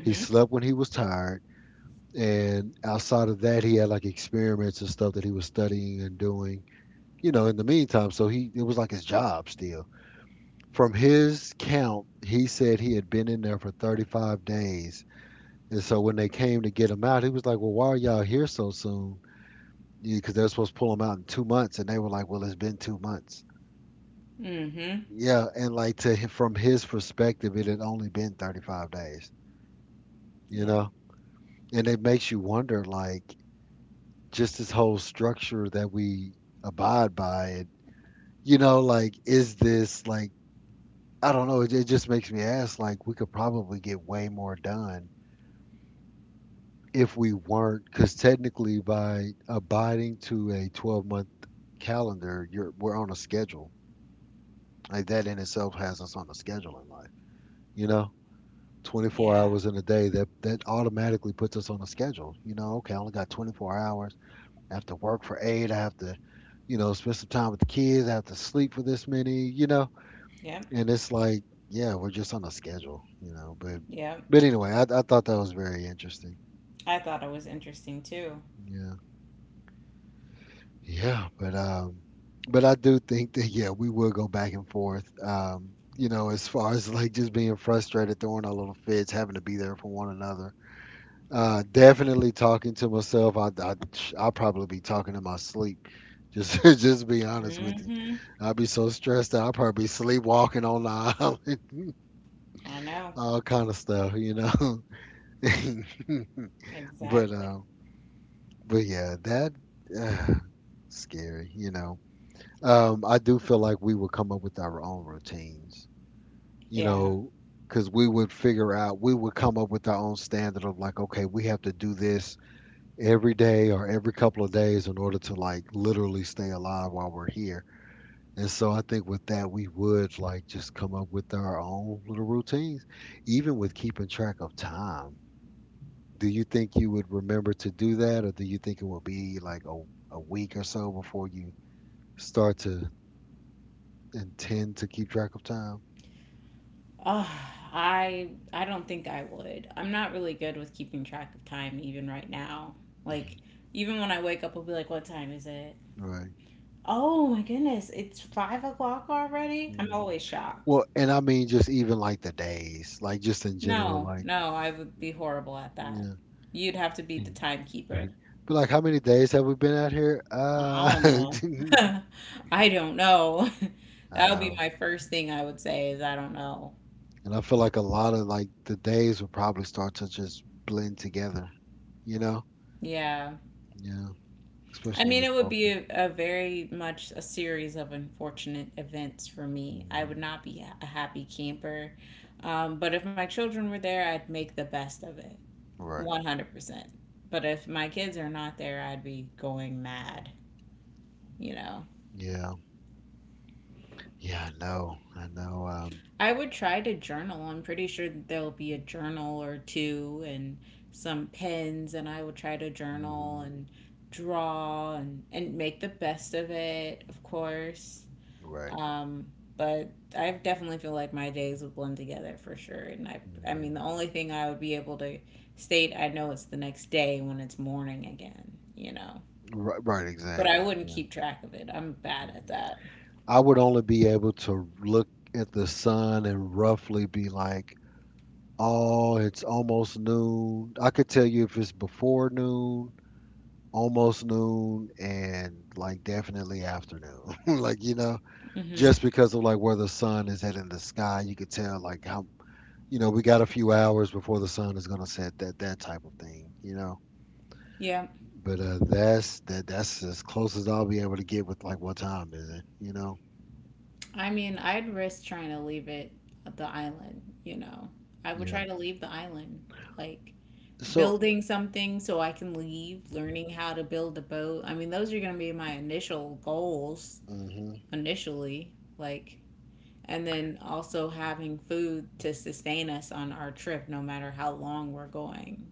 Speaker 1: He slept when he was tired. And outside of that, he had like experiments and stuff that he was studying and doing. You know, in the meantime, so he it was like his job still. From his count, he said he had been in there for 35 days. And so when they came to get him out, he was like, "Well, why are y'all here so soon?" Because yeah, they're supposed to pull him out in 2 months, and they were like, "Well, it's been 2 months."
Speaker 2: Mm-hmm.
Speaker 1: Yeah, and like from his perspective, it had only been 35 days, you
Speaker 2: Yep.
Speaker 1: know? And it makes you wonder, like, just this whole structure that we abide by, and, you know, like, is this, like, I don't know, it just makes me ask, like, we could probably get way more done if we weren't, because technically by abiding to a 12-month calendar, you're we're on a schedule. Like, that in itself has us on a schedule in life, you know? 24
Speaker 2: Yeah.
Speaker 1: hours in a day, that automatically puts us on a schedule, you know. Okay, I only got 24 hours. I have to work for eight. I have to spend some time with the kids. I have to sleep for this many, you know.
Speaker 2: Yep.
Speaker 1: And it's like, yeah, we're just on a schedule, you know. but
Speaker 2: Yep.
Speaker 1: but anyway i, i thought that was very interesting.
Speaker 2: I thought it was interesting too.
Speaker 1: Yeah. Yeah, but I do think that, yeah, we will go back and forth. You know, as far as like just being frustrated, throwing our little fits, having to be there for one another. Definitely talking to myself. I'll probably be talking in my sleep. Just just be honest with you.
Speaker 2: Mm-hmm.
Speaker 1: I'll be so stressed out. I'll probably be sleepwalking on the island,
Speaker 2: I know.
Speaker 1: all kind of stuff, you know. but
Speaker 2: Exactly.
Speaker 1: uh, but yeah, that uh, scary, you know. I do feel like we would come up with our own routines, you
Speaker 2: Yeah.
Speaker 1: know, because we would come up with our own standard of like, okay, we have to do this every day or every couple of days in order to like literally stay alive while we're here. And so I think with that, we would like just come up with our own little routines, even with keeping track of time. Do you think you would remember to do that, or do you think it will be like a week or so before you start to intend to keep track of time?
Speaker 2: Oh, I don't think I would. I'm not really good with keeping track of time even right now.
Speaker 1: Mm-hmm.
Speaker 2: Like even when I wake up I'll be like, what time is it?
Speaker 1: Right.
Speaker 2: Oh my goodness, it's 5 o'clock already? I'm
Speaker 1: Hmm.
Speaker 2: always shocked.
Speaker 1: Well, and I mean, just even like the days, like just in general,
Speaker 2: No,
Speaker 1: like,
Speaker 2: no, I would be horrible at that.
Speaker 1: yeah.
Speaker 2: You'd have to be the timekeeper.
Speaker 1: Right. But like, how many days have we been out here?
Speaker 2: I don't know. I don't know.
Speaker 1: I
Speaker 2: That would be
Speaker 1: know.
Speaker 2: my first thing I would say is I don't know.
Speaker 1: And I feel like a lot of like the days will probably start to just blend together, you know?
Speaker 2: Yeah.
Speaker 1: Yeah.
Speaker 2: I
Speaker 1: Especially when
Speaker 2: mean,
Speaker 1: you
Speaker 2: it would be
Speaker 1: focus.
Speaker 2: a very much a series of unfortunate events for me. I would
Speaker 1: Hmm.
Speaker 2: not be a happy camper. But if my children were there, I'd make the best of it.
Speaker 1: Right.
Speaker 2: 100%. But if my kids are not there, I'd be going mad, you know.
Speaker 1: Yeah. Yeah, I know. I know.
Speaker 2: I would try to journal. I'm pretty sure that there'll be a journal or two and some pens, and I would try to journal
Speaker 1: Hmm.
Speaker 2: and draw and make the best of it, of course.
Speaker 1: Right.
Speaker 2: Um, but I definitely feel like my days would blend together for sure. I mean,
Speaker 1: Hmm.
Speaker 2: the only thing I would be able to state, I know it's the next day when it's morning again, you know.
Speaker 1: Right, right,
Speaker 2: But I
Speaker 1: exactly.
Speaker 2: wouldn't
Speaker 1: Yeah.
Speaker 2: keep track of it. I'm bad at
Speaker 1: Mhm.
Speaker 2: that.
Speaker 1: I would only be able to look at the sun and roughly be like, oh, it's almost noon. I could tell you if it's before noon, almost noon, and like definitely afternoon. Like, you know,
Speaker 2: Hmm
Speaker 1: just because of like where the sun is at in the sky, you could tell like how, you know, we got a few hours before the sun is gonna set, that type of thing, you know.
Speaker 2: Yeah.
Speaker 1: But that's as close as I'll be able to get with like what time is it, you know?
Speaker 2: I mean, I'd risk trying to leave it at the island, you know. I would
Speaker 1: Yeah.
Speaker 2: try to leave the island, like
Speaker 1: So,
Speaker 2: building something so I can leave, learning how to build a boat. I mean, those are going to be my initial goals
Speaker 1: hmm,
Speaker 2: initially, like and then also having food to sustain us on our trip no matter how long we're going.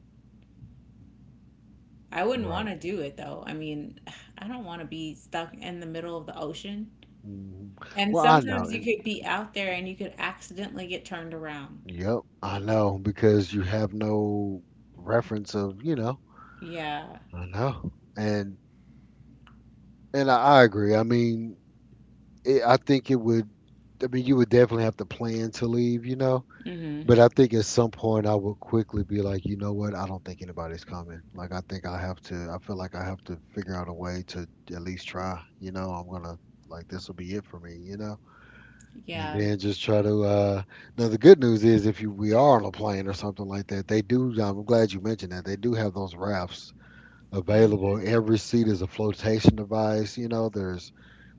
Speaker 2: I wouldn't
Speaker 1: right.
Speaker 2: want to do it though. I mean, I don't want to be stuck in the middle of the ocean.
Speaker 1: Hmm.
Speaker 2: And
Speaker 1: Well, I know.
Speaker 2: sometimes you could be out there and you could accidentally get turned around.
Speaker 1: Yep, I know, because you have no reference of, you know.
Speaker 2: Yeah.
Speaker 1: I know. And and I agree. I mean, it, I think it would I mean, you would definitely have to plan to leave, you know.
Speaker 2: hmm
Speaker 1: But I think at some point I would quickly be like, you know what? I don't think anybody's coming. Like I feel like I have to figure out a way to at least try, you know. I'm going to like This will be it for me, you know. And
Speaker 2: Yeah.
Speaker 1: then just try to. Now the good news is, if you we are on a plane or something like that, they do. I'm glad you mentioned that. They do have those rafts
Speaker 2: Mm.
Speaker 1: available. Every seat is a flotation device. You know, there's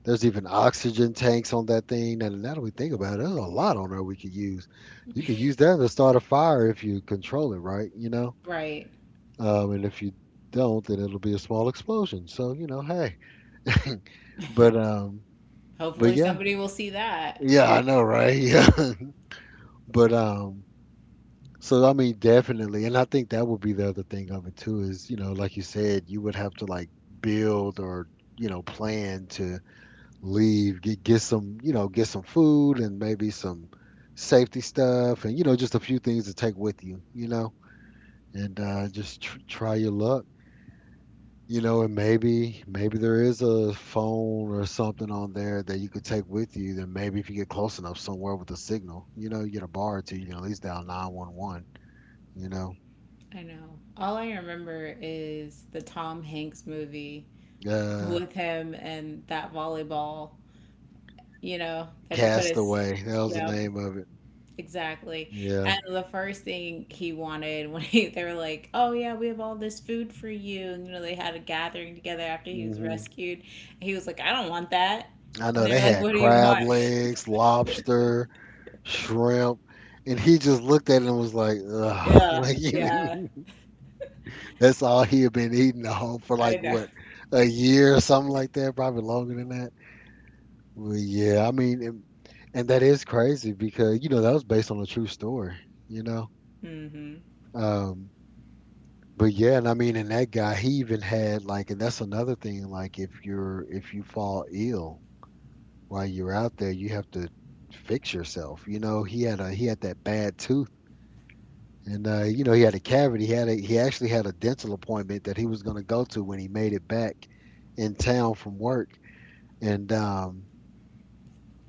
Speaker 1: there's even oxygen tanks on that thing. Now, now that we think about it, there's a lot on there we could use. You could use that to start a fire if you control it right. You know,
Speaker 2: Right.
Speaker 1: and if you don't, then it'll be a small explosion. So you know, hey. but um, but
Speaker 2: Hopefully
Speaker 1: yeah,
Speaker 2: somebody will see that.
Speaker 1: yeah, I know, right? Yeah, but. So I mean, definitely, and I think that would be the other thing of it too is, you know, like you said, you would have to like build or, you know, plan to leave, get some, you know, get some food and maybe some safety stuff, and you know, just a few things to take with you, you know, and just tr try your luck, you know. And maybe there is a phone or something on there that you could take with you. Then maybe if you get close enough somewhere with a signal, you know, you get a bar or two, you can at least dial 911, you know.
Speaker 2: I know. All I remember is the Tom Hanks movie
Speaker 1: Yeah.
Speaker 2: with him and that volleyball, you know, that he put his,
Speaker 1: Castaway. That was the
Speaker 2: yep,
Speaker 1: name of it.
Speaker 2: exactly.
Speaker 1: Yeah.
Speaker 2: And the first thing he wanted when he, they were like, oh yeah, we have all this food for you. And, you know, they had a gathering together after he was
Speaker 1: Hmm.
Speaker 2: rescued. And he was like, I don't want that.
Speaker 1: I
Speaker 2: And
Speaker 1: know
Speaker 2: they're
Speaker 1: they
Speaker 2: like,
Speaker 1: had
Speaker 2: what do you
Speaker 1: crab
Speaker 2: want?
Speaker 1: legs, lobster, shrimp, and he just looked at it and was like, ugh.
Speaker 2: Yeah,
Speaker 1: Like
Speaker 2: yeah.
Speaker 1: you that's all he had been eating the whole for
Speaker 2: I
Speaker 1: like
Speaker 2: know.
Speaker 1: what, a year or something like that, probably longer than that. Well, yeah, I mean, and that is crazy because you know that was based on a true story, you know.
Speaker 2: Hmm
Speaker 1: Um, but yeah, and I mean, and that guy, he even had like, and that's another thing, like if you fall ill while you're out there, you have to fix yourself. You know, he had that bad tooth, and you know he had a cavity. He actually had a dental appointment that he was going to go to when he made it back in town from work, and um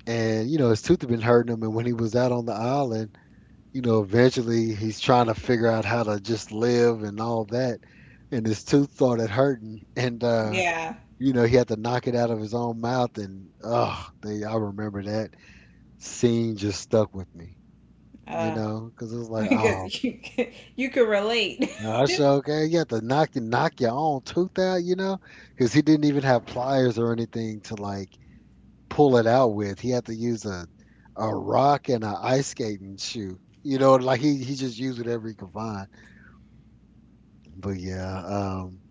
Speaker 1: and you know his tooth had been hurting him, and when he was out on the island, you know eventually he's trying to figure out how to just live and all that, and his tooth started hurting, and.
Speaker 2: Yeah.
Speaker 1: You know, he had to knock it out of his own mouth, and oh, I remember that scene just stuck with me, you
Speaker 2: Uh,
Speaker 1: know, because it was like, oh,
Speaker 2: because you could relate.
Speaker 1: gosh, okay, you have to knock your own tooth out, you know, because he didn't even have pliers or anything to like pull it out with. He had to use a rock and a ice skating shoe, you know, like he just used whatever he could find. But yeah, um,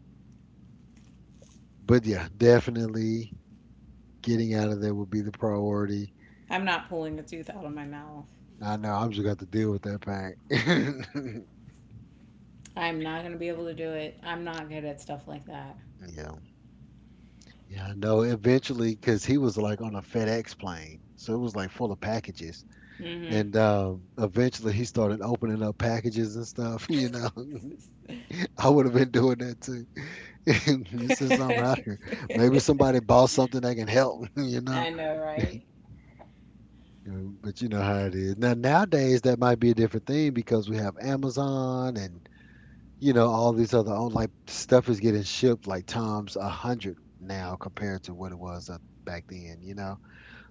Speaker 1: but yeah, definitely getting out of there would be the priority.
Speaker 2: I'm not pulling a tooth out of my mouth.
Speaker 1: I know I'm just got to deal with that pain.
Speaker 2: I'm not gonna be able to do it. I'm not good at stuff like that.
Speaker 1: Yeah. Yeah, no, eventually, because he was like on a FedEx plane, so it was like full of packages.
Speaker 2: Hmm
Speaker 1: And eventually, he started opening up packages and stuff. You know, I would have been doing that too. Since I'm out here, maybe somebody bought something that can help. You
Speaker 2: I
Speaker 1: know,
Speaker 2: know, right?
Speaker 1: But you know how it is now. Nowadays, that might be a different thing because we have Amazon and you know all these other on like stuff is getting shipped like times 100 now compared to what it was, back then. You know.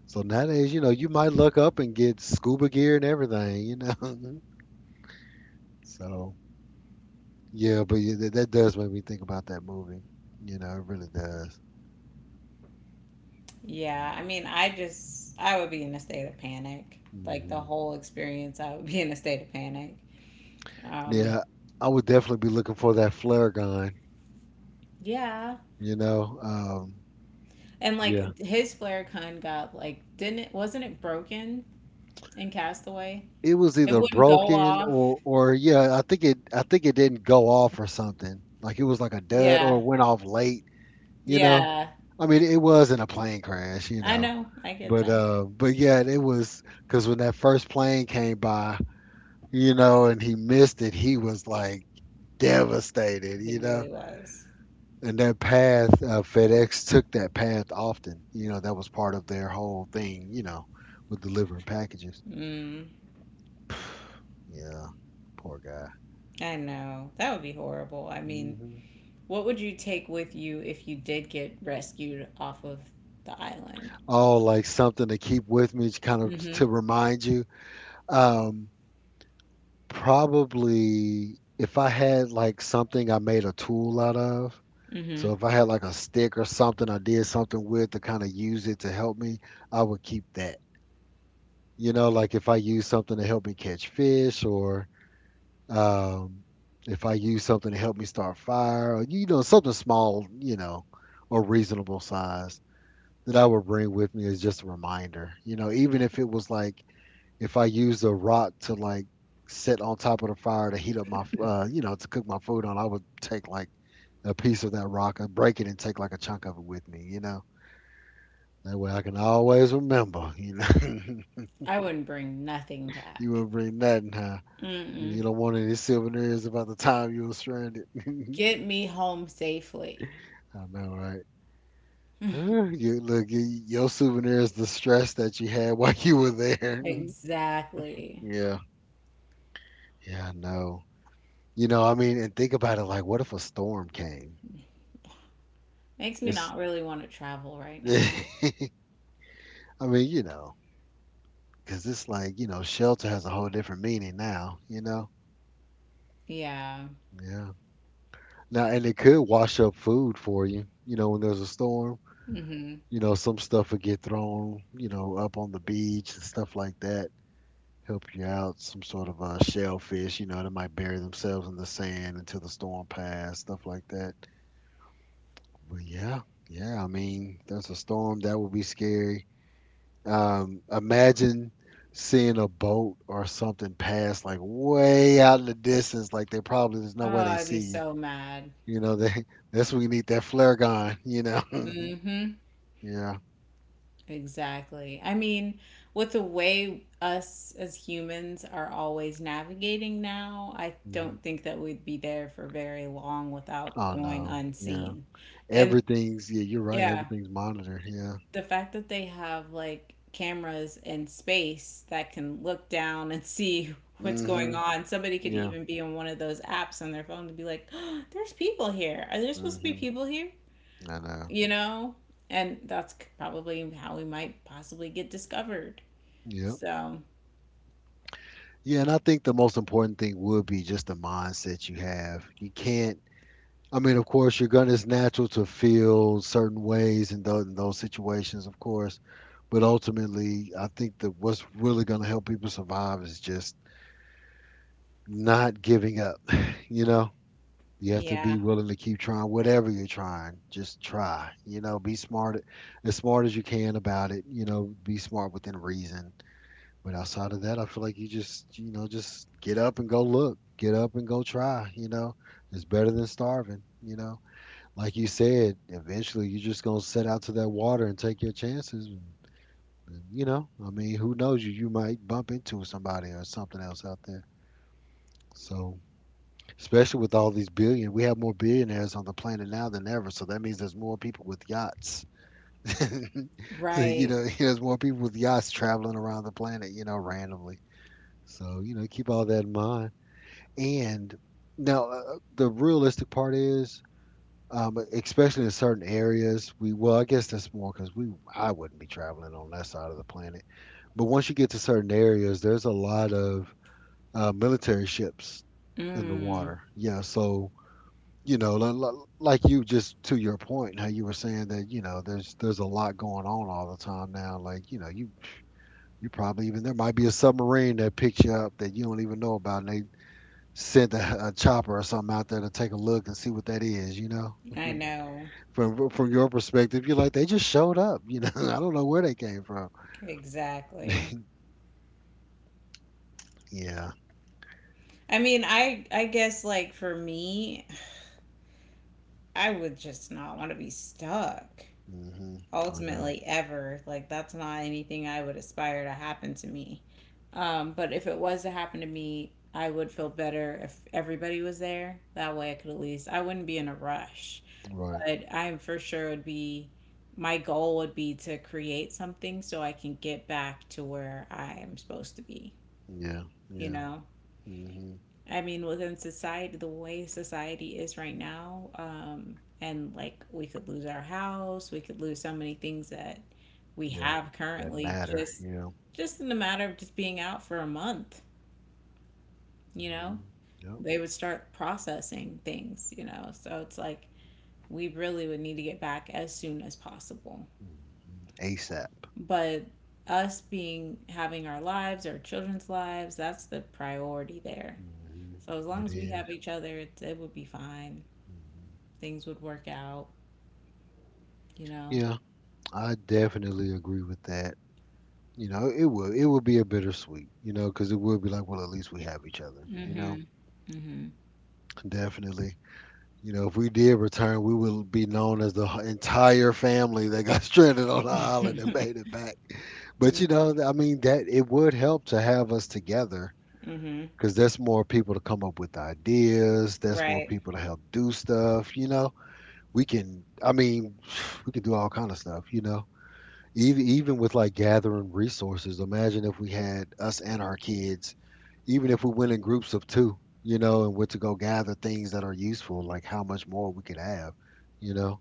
Speaker 1: So nowadays, you know, you might look up and get scuba gear and everything, you know. so yeah, that does make me think about that movie. You know, it really does.
Speaker 2: Yeah,
Speaker 1: Yeah.
Speaker 2: I mean, I just, I would be in a state of panic. Like the
Speaker 1: Hmm.
Speaker 2: whole experience, I would be in a state of panic. Um,
Speaker 1: Yeah, I would definitely be looking for that flare gun.
Speaker 2: yeah.
Speaker 1: You know,
Speaker 2: And
Speaker 1: yeah.
Speaker 2: like his flare gun got like, didn't it, wasn't it broken in Castaway?
Speaker 1: It was
Speaker 2: It
Speaker 1: either
Speaker 2: wouldn't go
Speaker 1: broken
Speaker 2: off.
Speaker 1: or yeah, I think it didn't go off or something. Like it was like a dud or
Speaker 2: Yeah.
Speaker 1: it went off late. You know,
Speaker 2: Yeah.
Speaker 1: I mean, it wasn't a plane crash, you
Speaker 2: I
Speaker 1: know,
Speaker 2: know. I get
Speaker 1: but
Speaker 2: that.
Speaker 1: uh but yeah, it was because when that first plane came by, you know, and he missed it, he was like devastated,
Speaker 2: He
Speaker 1: you know.
Speaker 2: really was.
Speaker 1: And that path, FedEx took that path often, you know. That was part of their whole thing, you know, with delivering packages.
Speaker 2: Mm,
Speaker 1: Yeah, poor guy.
Speaker 2: I know. That would be horrible. I mean,
Speaker 1: Hmm.
Speaker 2: what would you take with you if you did get rescued off of the island?
Speaker 1: Oh, like something to keep with me to kind of
Speaker 2: Mm-hmm.
Speaker 1: to remind you. Um, Probably if I had like something I made a tool out of.
Speaker 2: Mm-hmm.
Speaker 1: So if I had like a stick or something I did something with to kind of use it to help me, I would keep that. You know, like if I use something to help me catch fish or um, if I use something to help me start fire or, you know, something small, you know, or reasonable size that I would bring with me as just a reminder. You know, even if it was like if I use a rock to like sit on top of the fire to heat up my, you know, to cook my food on, I would take like a piece of that rock and break it and take like a chunk of it with me, you know. That way I can always remember, you know.
Speaker 2: I wouldn't bring nothing
Speaker 1: You
Speaker 2: back.
Speaker 1: wouldn't bring nothing, huh? You
Speaker 2: Mm-mm.
Speaker 1: don't want any souvenirs about the time you were stranded. I
Speaker 2: Get me home safely.
Speaker 1: know, right? You, look, you, your souvenir is the stress that you had while you were there.
Speaker 2: Exactly.
Speaker 1: Yeah. Yeah, I know. You know, I mean, and think about it, like, what if a storm came?
Speaker 2: Makes me
Speaker 1: It's
Speaker 2: not really want to travel right now.
Speaker 1: I mean, you know, cause it's like, you know, shelter has a whole different meaning now, you know?
Speaker 2: Yeah.
Speaker 1: Yeah. Now, and it could wash up food for you, you know, when there's a storm.
Speaker 2: Mm-hmm.
Speaker 1: You know, some stuff would get thrown, you know, up on the beach and stuff like that. Help you out, some sort of shellfish, you know, that might bury themselves in the sand until the storm passed, stuff like that. But yeah, yeah, I mean, there's a storm that would be scary. Imagine seeing a boat or something pass like way out in the distance, like they probably there's
Speaker 2: Oh,
Speaker 1: no way they
Speaker 2: I'd be
Speaker 1: see you.
Speaker 2: so mad.
Speaker 1: You know, they that's when you need that flare gun. You know,
Speaker 2: Mm-hmm.
Speaker 1: yeah.
Speaker 2: Exactly. I mean, with the way us as humans are always navigating now, I
Speaker 1: Hmm.
Speaker 2: don't think that we'd be there for very long without
Speaker 1: Oh
Speaker 2: going
Speaker 1: no, yeah.
Speaker 2: unseen. And
Speaker 1: Everything's yeah. You're right.
Speaker 2: yeah,
Speaker 1: Everything's monitored. Yeah.
Speaker 2: the fact that they have like cameras in space that can look down and see what's going
Speaker 1: Hmm.
Speaker 2: on. Somebody could
Speaker 1: Yeah.
Speaker 2: even be on one of those apps on their phone to be like, "Oh, there's people here. Are there supposed to be
Speaker 1: Hmm.
Speaker 2: people here?"
Speaker 1: I know.
Speaker 2: You know? And that's probably how we might possibly get discovered.
Speaker 1: Yep.
Speaker 2: So,
Speaker 1: Yeah, and I think the most important thing would be just the mindset you have. You can't I mean, of course, you're gonna. It's natural to feel certain ways in those situations, of course. But ultimately, I think that what's really gonna help people survive is just not giving up. You know, you have to be
Speaker 2: yeah,
Speaker 1: willing to keep trying whatever you're trying. Just try. You know, be smart as you can about it. You know, be smart within reason. But outside of that, I feel like you just you know just get up and go look. Get up and go try. You know, it's better than starving. You know, like you said, eventually you're just gonna set out to that water and take your chances. And, you know, I mean, who knows you? You might bump into somebody or something else out there. So, especially with all these billion, we have more billionaires on the planet now than ever. So that means there's more people with yachts. So, you
Speaker 2: right.
Speaker 1: know, there's more people with yachts traveling around the planet, you know, randomly. So, you know, keep all that in mind. And now, the realistic part is especially in certain areas. We well, I guess that's more because we I wouldn't be traveling on that side of the planet. But once you get to certain areas, there's a lot of military ships in the
Speaker 2: Mm,
Speaker 1: water. Yeah, so you know, like you just to your point, how you were saying that, you know, there's a lot going on all the time now. Like, you know, you probably even there might be a submarine that picks you up that you don't even know about, and they sent a chopper or something out there to take a look and see what that is. You know.
Speaker 2: I know.
Speaker 1: From your perspective, you're like they just showed up. You know, I don't know where they came from.
Speaker 2: Exactly.
Speaker 1: Yeah.
Speaker 2: I mean, I guess like for me, I would just not want to be stuck
Speaker 1: Hmm. I know.
Speaker 2: ultimately ever. Like that's not anything I would aspire to happen to me. But if it was to happen to me, I would feel better if everybody was there. That way I could at least I wouldn't be in a rush.
Speaker 1: Right.
Speaker 2: But I for sure would be my goal would be to create something so I can get back to where I am supposed to be,
Speaker 1: Yeah.
Speaker 2: you
Speaker 1: Yeah.
Speaker 2: know?
Speaker 1: Hmm.
Speaker 2: I mean, within society, the way society is right now, and like we could lose our house, we could lose so many things that we
Speaker 1: Yeah.
Speaker 2: have
Speaker 1: That
Speaker 2: currently
Speaker 1: matter.
Speaker 2: just
Speaker 1: Yeah.
Speaker 2: in the matter of just being out for a month, you know?
Speaker 1: Hmm. Yep.
Speaker 2: They would start processing things. So it's like we really would need to get back as soon as possible.
Speaker 1: Hmm. ASAP.
Speaker 2: But us being having our lives, our children's lives, that's the priority there.
Speaker 1: Hmm.
Speaker 2: So as long
Speaker 1: It
Speaker 2: as we have each other, it would be fine.
Speaker 1: Mm-hmm.
Speaker 2: Things would work out, you know.
Speaker 1: Yeah. I definitely agree with that. You know, it will be a bittersweet. You know, because it will be like, well, at least we have each other. You know,
Speaker 2: Mhm. Mhm.
Speaker 1: definitely. You know, if we did return, we would be known as the entire family that got stranded on the island and made it back. But, you know,
Speaker 2: Mhm.
Speaker 1: I mean, that it would help to have us together,
Speaker 2: Mhm.
Speaker 1: because there's more people to come up with ideas. There's more
Speaker 2: Right.
Speaker 1: people to help do stuff. You know, we can. I mean, we can do all kind of stuff. You know, even even with like gathering resources, imagine if we had us and our kids, even if we went in groups of two, you know, and went to go gather things that are useful, like how much more we could have, you know.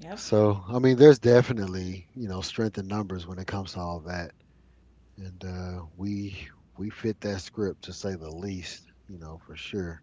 Speaker 2: Yep.
Speaker 1: So I mean, there's definitely, you know, strength in numbers when it comes to all that. And we fit that script to say the least, you know, for sure.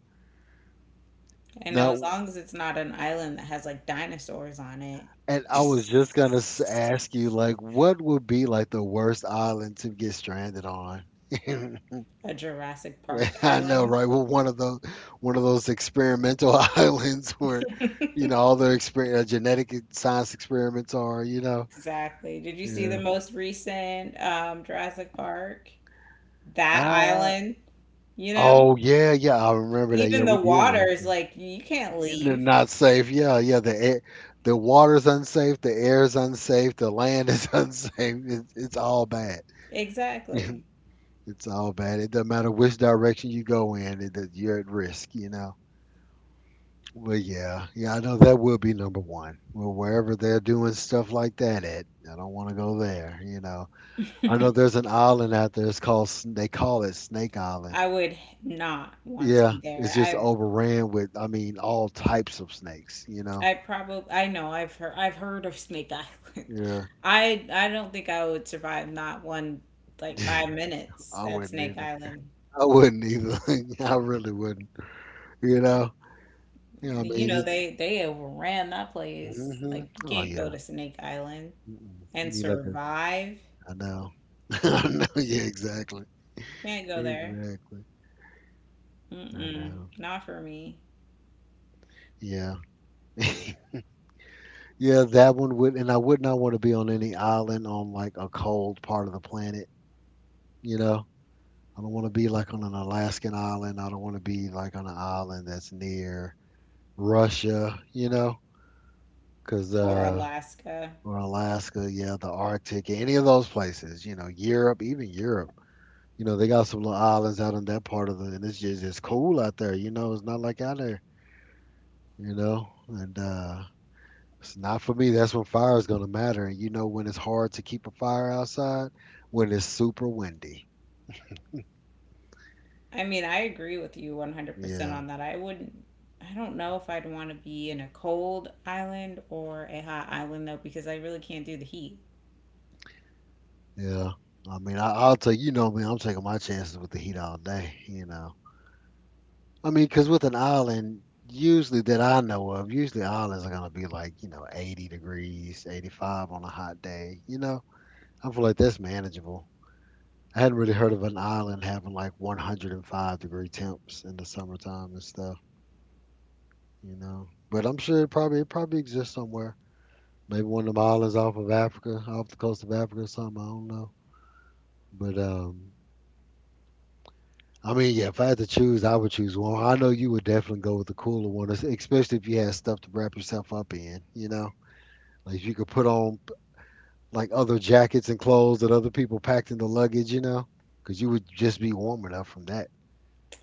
Speaker 2: I know as
Speaker 1: Now,
Speaker 2: long as it's not an island that has like dinosaurs on it.
Speaker 1: and I was just gonna ask you, like, what would be like the worst island to get stranded on?
Speaker 2: A Jurassic
Speaker 1: Yeah,
Speaker 2: Park
Speaker 1: I know,
Speaker 2: island.
Speaker 1: right? Well, one of those experimental islands where, you know, all the genetic science experiments are, you know.
Speaker 2: Exactly. Did you see the
Speaker 1: Yeah.
Speaker 2: most recent Jurassic Park? That
Speaker 1: Uh,
Speaker 2: island, you know?
Speaker 1: oh yeah, yeah, I remember that. Yeah,
Speaker 2: Even the
Speaker 1: we did
Speaker 2: water
Speaker 1: watch
Speaker 2: is
Speaker 1: that.
Speaker 2: like, you can't leave.
Speaker 1: Not safe. Yeah, yeah. The air, the water's unsafe. The air's unsafe. The land is unsafe. It, it's all bad.
Speaker 2: Exactly.
Speaker 1: It's all bad. It doesn't matter which direction you go in. It, that you're at risk. You know. Well, yeah, yeah, I know that will be number one. Well, wherever they're doing stuff like that at, I don't want to go there. You know, I know there's an island out there. It's called they call it Snake Island.
Speaker 2: I would not want to
Speaker 1: Yeah,
Speaker 2: be there.
Speaker 1: it's just
Speaker 2: I
Speaker 1: overran with. I mean, all types of snakes. You know.
Speaker 2: I probably I know I've heard of Snake Island.
Speaker 1: Yeah,
Speaker 2: I don't think I would survive not one like five minutes
Speaker 1: I
Speaker 2: at
Speaker 1: wouldn't
Speaker 2: Snake
Speaker 1: either.
Speaker 2: Island.
Speaker 1: I wouldn't either. I really wouldn't. You know. You know. I
Speaker 2: You
Speaker 1: mean,
Speaker 2: know
Speaker 1: it's,
Speaker 2: they overran that place.
Speaker 1: hmm,
Speaker 2: Like you
Speaker 1: oh
Speaker 2: can't go
Speaker 1: yeah.
Speaker 2: to Snake Island
Speaker 1: Mm-mm. You
Speaker 2: and
Speaker 1: need like a.
Speaker 2: survive.
Speaker 1: I know. I know. Yeah, exactly.
Speaker 2: Can't go there.
Speaker 1: Exactly. I
Speaker 2: Mm-mm,
Speaker 1: know.
Speaker 2: not for me.
Speaker 1: Yeah. Yeah, that one would, and I would not want to be on any island on like a cold part of the planet, you know? I don't want to be like on an Alaskan island. I don't want to be like on an island that's near Russia, you know? 'Cause
Speaker 2: Or Alaska.
Speaker 1: or Alaska, yeah, the Arctic, any of those places, you know, Europe, even Europe. You know, they got some little islands out in that part of the, and it's just it's cool out there, you know? It's not like out there, you know? And it's not for me. That's when fire is going to matter. And you know when it's hard to keep a fire outside? When it's super windy.
Speaker 2: I mean, I agree with you 100%
Speaker 1: Yeah,
Speaker 2: on that. I don't know if I'd want to be in a cold island or a hot island though, because I really can't do the heat.
Speaker 1: yeah. I mean, I'll tell you, you know me, I'm taking my chances with the heat all day, you know. I mean, because with an island, usually that I know of, usually islands are going to be like, you know, 80 degrees, 85 on a hot day, you know. I feel like that's manageable. I hadn't really heard of an island having like 105-degree temps in the summertime and stuff, you know. But I'm sure it probably exists somewhere. Maybe one of them islands off of Africa, off the coast of Africa or something. I don't know. But I mean, yeah, if I had to choose, I would choose one. I know you would definitely go with the cooler one, especially if you had stuff to wrap yourself up in. You know, like if you could put on like other jackets and clothes that other people packed in the luggage. You know, because you would just be warm enough from that.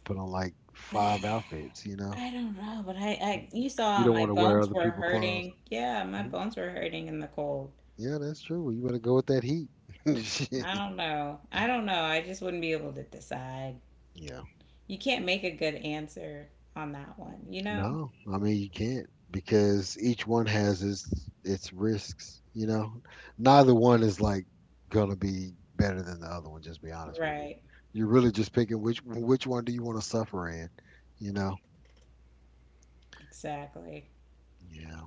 Speaker 1: Put on like five
Speaker 2: I
Speaker 1: outfits.
Speaker 2: don't know, but you
Speaker 1: You
Speaker 2: saw
Speaker 1: don't
Speaker 2: my
Speaker 1: want to wear
Speaker 2: bones
Speaker 1: other
Speaker 2: were
Speaker 1: people's clothes.
Speaker 2: hurting. Yeah, my
Speaker 1: Mhm.
Speaker 2: bones were hurting in the cold.
Speaker 1: Yeah, that's true. Well, you better go with that heat. Shit.
Speaker 2: I don't know. I don't know. I just wouldn't be able to decide.
Speaker 1: Yeah.
Speaker 2: You can't make a good answer on that one, you know?
Speaker 1: No, I mean you can't because each one has its risks, you know. Neither one is like gonna be better than the other one, just be honest with you.
Speaker 2: Right.
Speaker 1: You're really just picking which one do you want to suffer in, you know?
Speaker 2: Exactly.
Speaker 1: Yeah.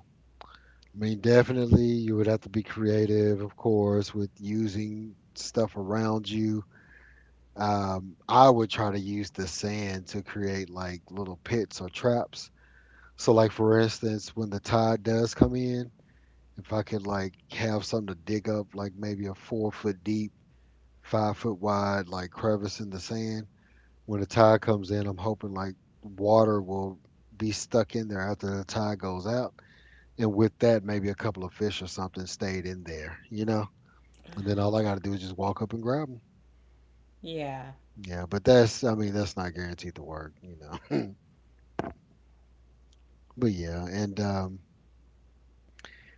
Speaker 1: I mean definitely you would have to be creative, of course, with using stuff around you. I would try to use the sand to create like little pits or traps. So like for instance, when the tide does come in, if I could like have something to dig up, like maybe a 4 foot deep, 5 foot wide, like crevice in the sand, when the tide comes in, I'm hoping like water will be stuck in there after the tide goes out. And with that, maybe a couple of fish or something stayed in there, you know? And then all I got to do is just walk up and grab them.
Speaker 2: Yeah.
Speaker 1: Yeah, but that's, I mean, that's not guaranteed to work, you know? But yeah, and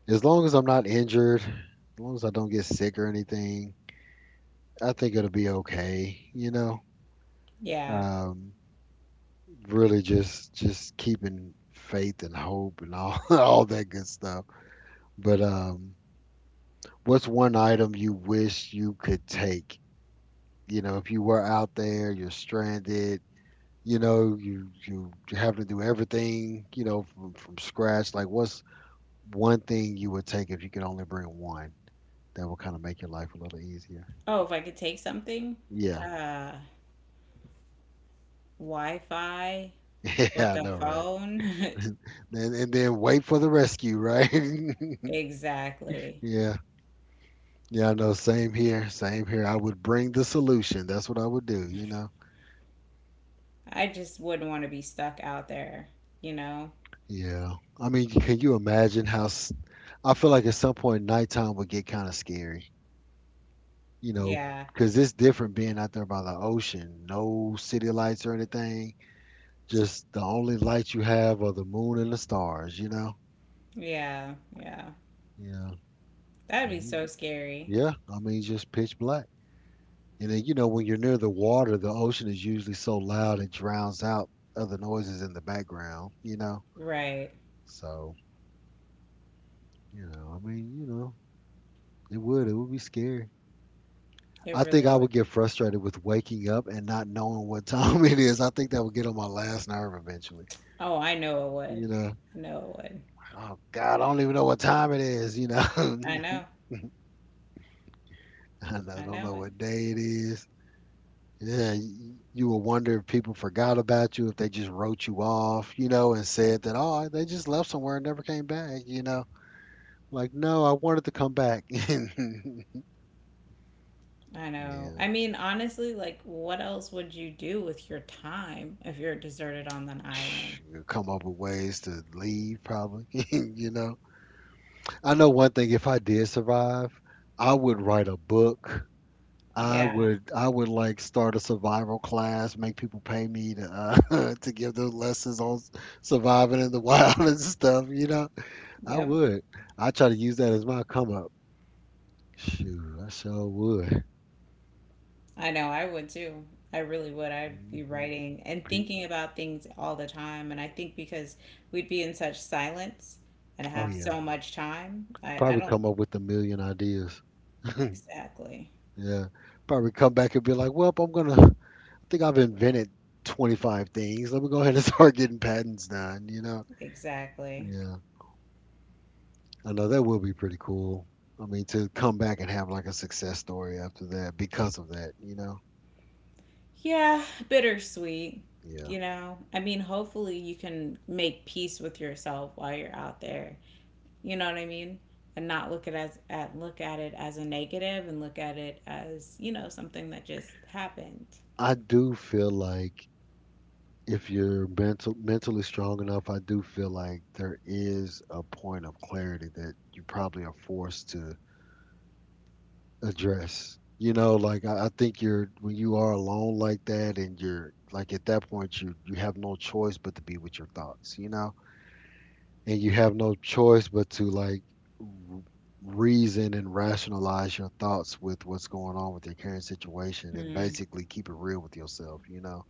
Speaker 1: as long as I'm not injured, as long as I don't get sick or anything, I think it'll be okay, you know?
Speaker 2: Yeah.
Speaker 1: Um, really just keeping faith and hope and all all that good stuff. But what's one item you wish you could take? You know, if you were out there, you're stranded. You know, you having to do everything. You know, from scratch. Like, what's one thing you would take if you could only bring one? That would kind of make your life a little easier.
Speaker 2: Oh, if I could take something?
Speaker 1: Yeah.
Speaker 2: Uh, Wi-Fi
Speaker 1: Yeah,
Speaker 2: with
Speaker 1: I
Speaker 2: a
Speaker 1: know, right?
Speaker 2: phone?
Speaker 1: And then wait for the rescue, right?
Speaker 2: Exactly.
Speaker 1: Yeah. Yeah, I know. Same here. Same here. I would bring the solution. That's what I would do, you know?
Speaker 2: I just wouldn't want to be stuck out there, you know?
Speaker 1: Yeah. I mean, can you imagine how I feel like at some point nighttime would get kind of scary, you know,
Speaker 2: Yeah,
Speaker 1: because it's different being out there by the ocean. No city lights or anything. Just the only lights you have are the moon and the stars, you know?
Speaker 2: yeah, yeah.
Speaker 1: Yeah.
Speaker 2: That'd be
Speaker 1: And
Speaker 2: so
Speaker 1: you-
Speaker 2: scary.
Speaker 1: Yeah. I mean, just pitch black. And then, you know, when you're near the water, the ocean is usually so loud it drowns out other noises in the background, you know?
Speaker 2: Right.
Speaker 1: So you know, it would. It would be scary.
Speaker 2: It
Speaker 1: I think
Speaker 2: really
Speaker 1: I
Speaker 2: would.
Speaker 1: would get frustrated with waking up and not knowing what time it is. I think that would get on my last nerve eventually.
Speaker 2: Oh, I know it would.
Speaker 1: You know,
Speaker 2: I know it would.
Speaker 1: oh God, I don't even know what time it is. You know,
Speaker 2: I know. I
Speaker 1: don't
Speaker 2: know
Speaker 1: know
Speaker 2: it.
Speaker 1: what day it is. Yeah, you will wonder if people forgot about you, if they just wrote you off, you know, and said that, oh, they just left somewhere and never came back, you know. Like, no, I wanted to come back.
Speaker 2: I know. I
Speaker 1: Yeah,
Speaker 2: mean, honestly, like, what else would you do with your time if you're deserted on an island?
Speaker 1: come up with ways to leave probably you know. I know one thing, if I did survive, I would write a book. i
Speaker 2: Yeah.
Speaker 1: would i would like start a survival class, make people pay me to to give them lessons on surviving in the wild and stuff, you know. I
Speaker 2: Yep.
Speaker 1: would, I try to use that as my come up. Shoot, I sure would.
Speaker 2: I know I would too. I really would. I'd be
Speaker 1: Hmm.
Speaker 2: writing and thinking about things all the time. And I think because we'd be in such silence and
Speaker 1: Oh
Speaker 2: have
Speaker 1: yeah,
Speaker 2: so much time, I
Speaker 1: probably
Speaker 2: don't
Speaker 1: come up with a million ideas.
Speaker 2: exactly.
Speaker 1: Yeah, probably come back and be like, well, I'm gonna think I've invented 25 things. Let me go ahead and start getting patents done, you know?
Speaker 2: Exactly.
Speaker 1: Yeah, I know that will be pretty cool. I mean, to come back and have like a success story after that because of that, you know?
Speaker 2: Yeah, bittersweet.
Speaker 1: Yeah.
Speaker 2: You know, I mean, hopefully you can make peace with yourself while you're out there. You know what I mean? And not look at as at look at it as a negative and look at it as, something that just happened.
Speaker 1: I do feel like if you're mentally strong enough, I do feel like there is a point of clarity that you probably are forced to address. You know, like I think you're when you are alone like that, and you're like at that point, you have no choice but to be with your thoughts. You know, and you have no choice but to like r- reason and rationalize your thoughts with what's going on with your current situation, and
Speaker 2: Mm,
Speaker 1: basically keep it real with yourself. You know,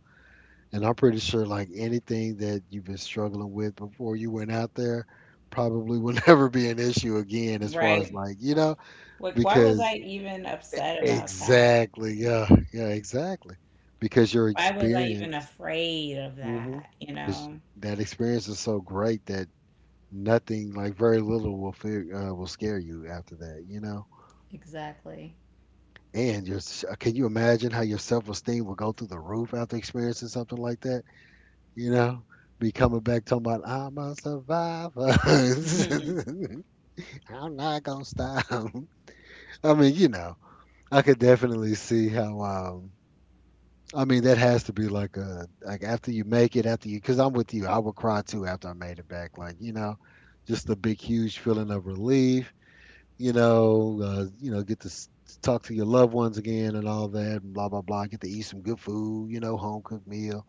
Speaker 1: and I'm pretty sure like anything that you've been struggling with before you went out there probably will never be an issue again, as far as
Speaker 2: right.
Speaker 1: like, you know,
Speaker 2: Like, why was
Speaker 1: because
Speaker 2: I even upset about that?
Speaker 1: exactly. Yeah. Yeah. Exactly. Because your
Speaker 2: Why was I even
Speaker 1: experience,
Speaker 2: afraid of
Speaker 1: mm-hmm,
Speaker 2: that, you
Speaker 1: because
Speaker 2: know?
Speaker 1: that experience is so great that nothing, like very little, will fear, will scare you after that. You know.
Speaker 2: Exactly.
Speaker 1: And can you imagine how your self esteem will go through the roof after experiencing something like that? You know, be coming back talking about I'm a survivor. I'm not gonna stop. I mean, you know, I could definitely see how. I mean, that has to be like a like after you make it, after you, because I'm with you, I would cry too after I made it back. Like you know, just the big huge feeling of relief. You know, talk to your loved ones again and all that, and blah blah blah. Get to eat some good food. You know, home cooked meal.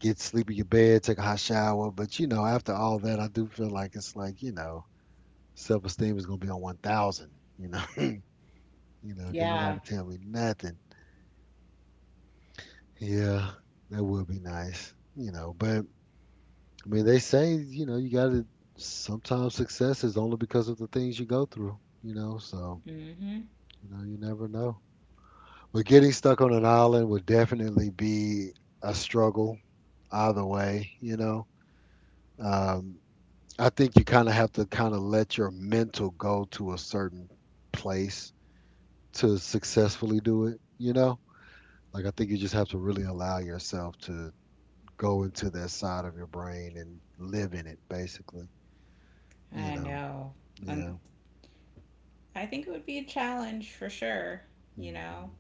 Speaker 1: Get to sleep in your bed, take a hot shower. But you know, after all that, I do feel like it's like you know, self esteem is gonna be on 1,000. You know, you know, can't
Speaker 2: Yeah.
Speaker 1: nobody tell me nothing. Yeah, that would be nice. You know, but I mean, they say, you know, you got to sometimes success is only because of the things you go through, you know, so,
Speaker 2: Hmm.
Speaker 1: you know, you never know. But getting stuck on an island would definitely be a struggle either way, you know. Um, I think you kind of have to kind of let your mental go to a certain place to successfully do it, you know. Like, I think you just have to really allow yourself to go into that side of your brain and live in it, basically, you
Speaker 2: I
Speaker 1: know.
Speaker 2: know.
Speaker 1: Yeah.
Speaker 2: And I think it would be a challenge for sure, you know?
Speaker 1: Mhm.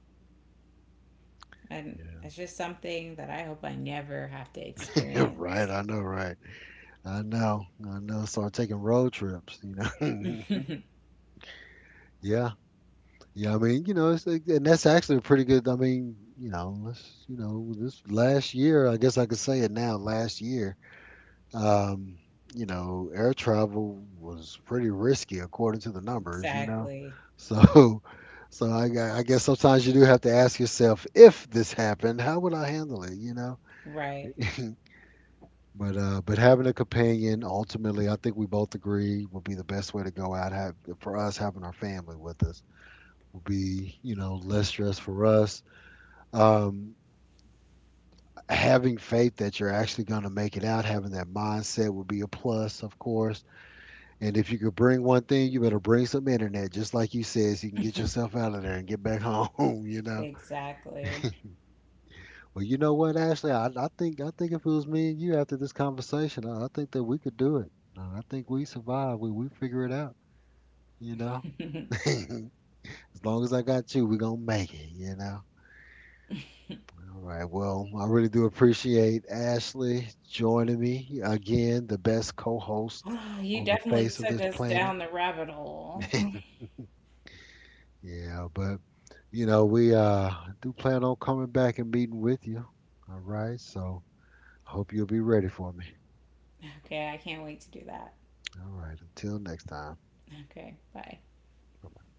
Speaker 2: And
Speaker 1: Yeah.
Speaker 2: it's just something that I hope I never have to
Speaker 1: Right,
Speaker 2: experience.
Speaker 1: I know, right. I know, I know. Start taking road trips, you know. Yeah, yeah. I mean, you know, and that's actually a pretty good. I mean, you know, this last year, I guess I could say it now. Last year, um, you know, air travel was pretty risky according to the numbers, you know.
Speaker 2: Exactly.
Speaker 1: So, so I guess sometimes you do have to ask yourself, if this happened, how would I handle it, you know?
Speaker 2: Right.
Speaker 1: But having a companion, ultimately, I think we both agree would be the best way to go out. Have for us having our family with us would be, you know, less stress for us. Um, having faith that you're actually going to make it out, having that mindset would be a plus, of course. And if you could bring one thing, you better bring some internet, just like you said, so you can get yourself out of there and get back home. You know.
Speaker 2: Exactly.
Speaker 1: Well, you know what, Ashley, I think if it was me and you after this conversation, I think that we could do it. I think we survive. We figure it out, you know. As long as I got you, we're going to make it, you know. All right. Well, I really do appreciate Ashley joining me again, the best co host
Speaker 2: Ah, you
Speaker 1: on the
Speaker 2: definitely
Speaker 1: face of
Speaker 2: took
Speaker 1: this
Speaker 2: us
Speaker 1: planet.
Speaker 2: down the rabbit hole.
Speaker 1: Yeah, but, you know, we do plan on coming back and meeting with you. All right. So I hope you'll be ready for me.
Speaker 2: Okay, I can't wait to do that.
Speaker 1: All right. Until next time.
Speaker 2: Okay, bye.
Speaker 1: Bye.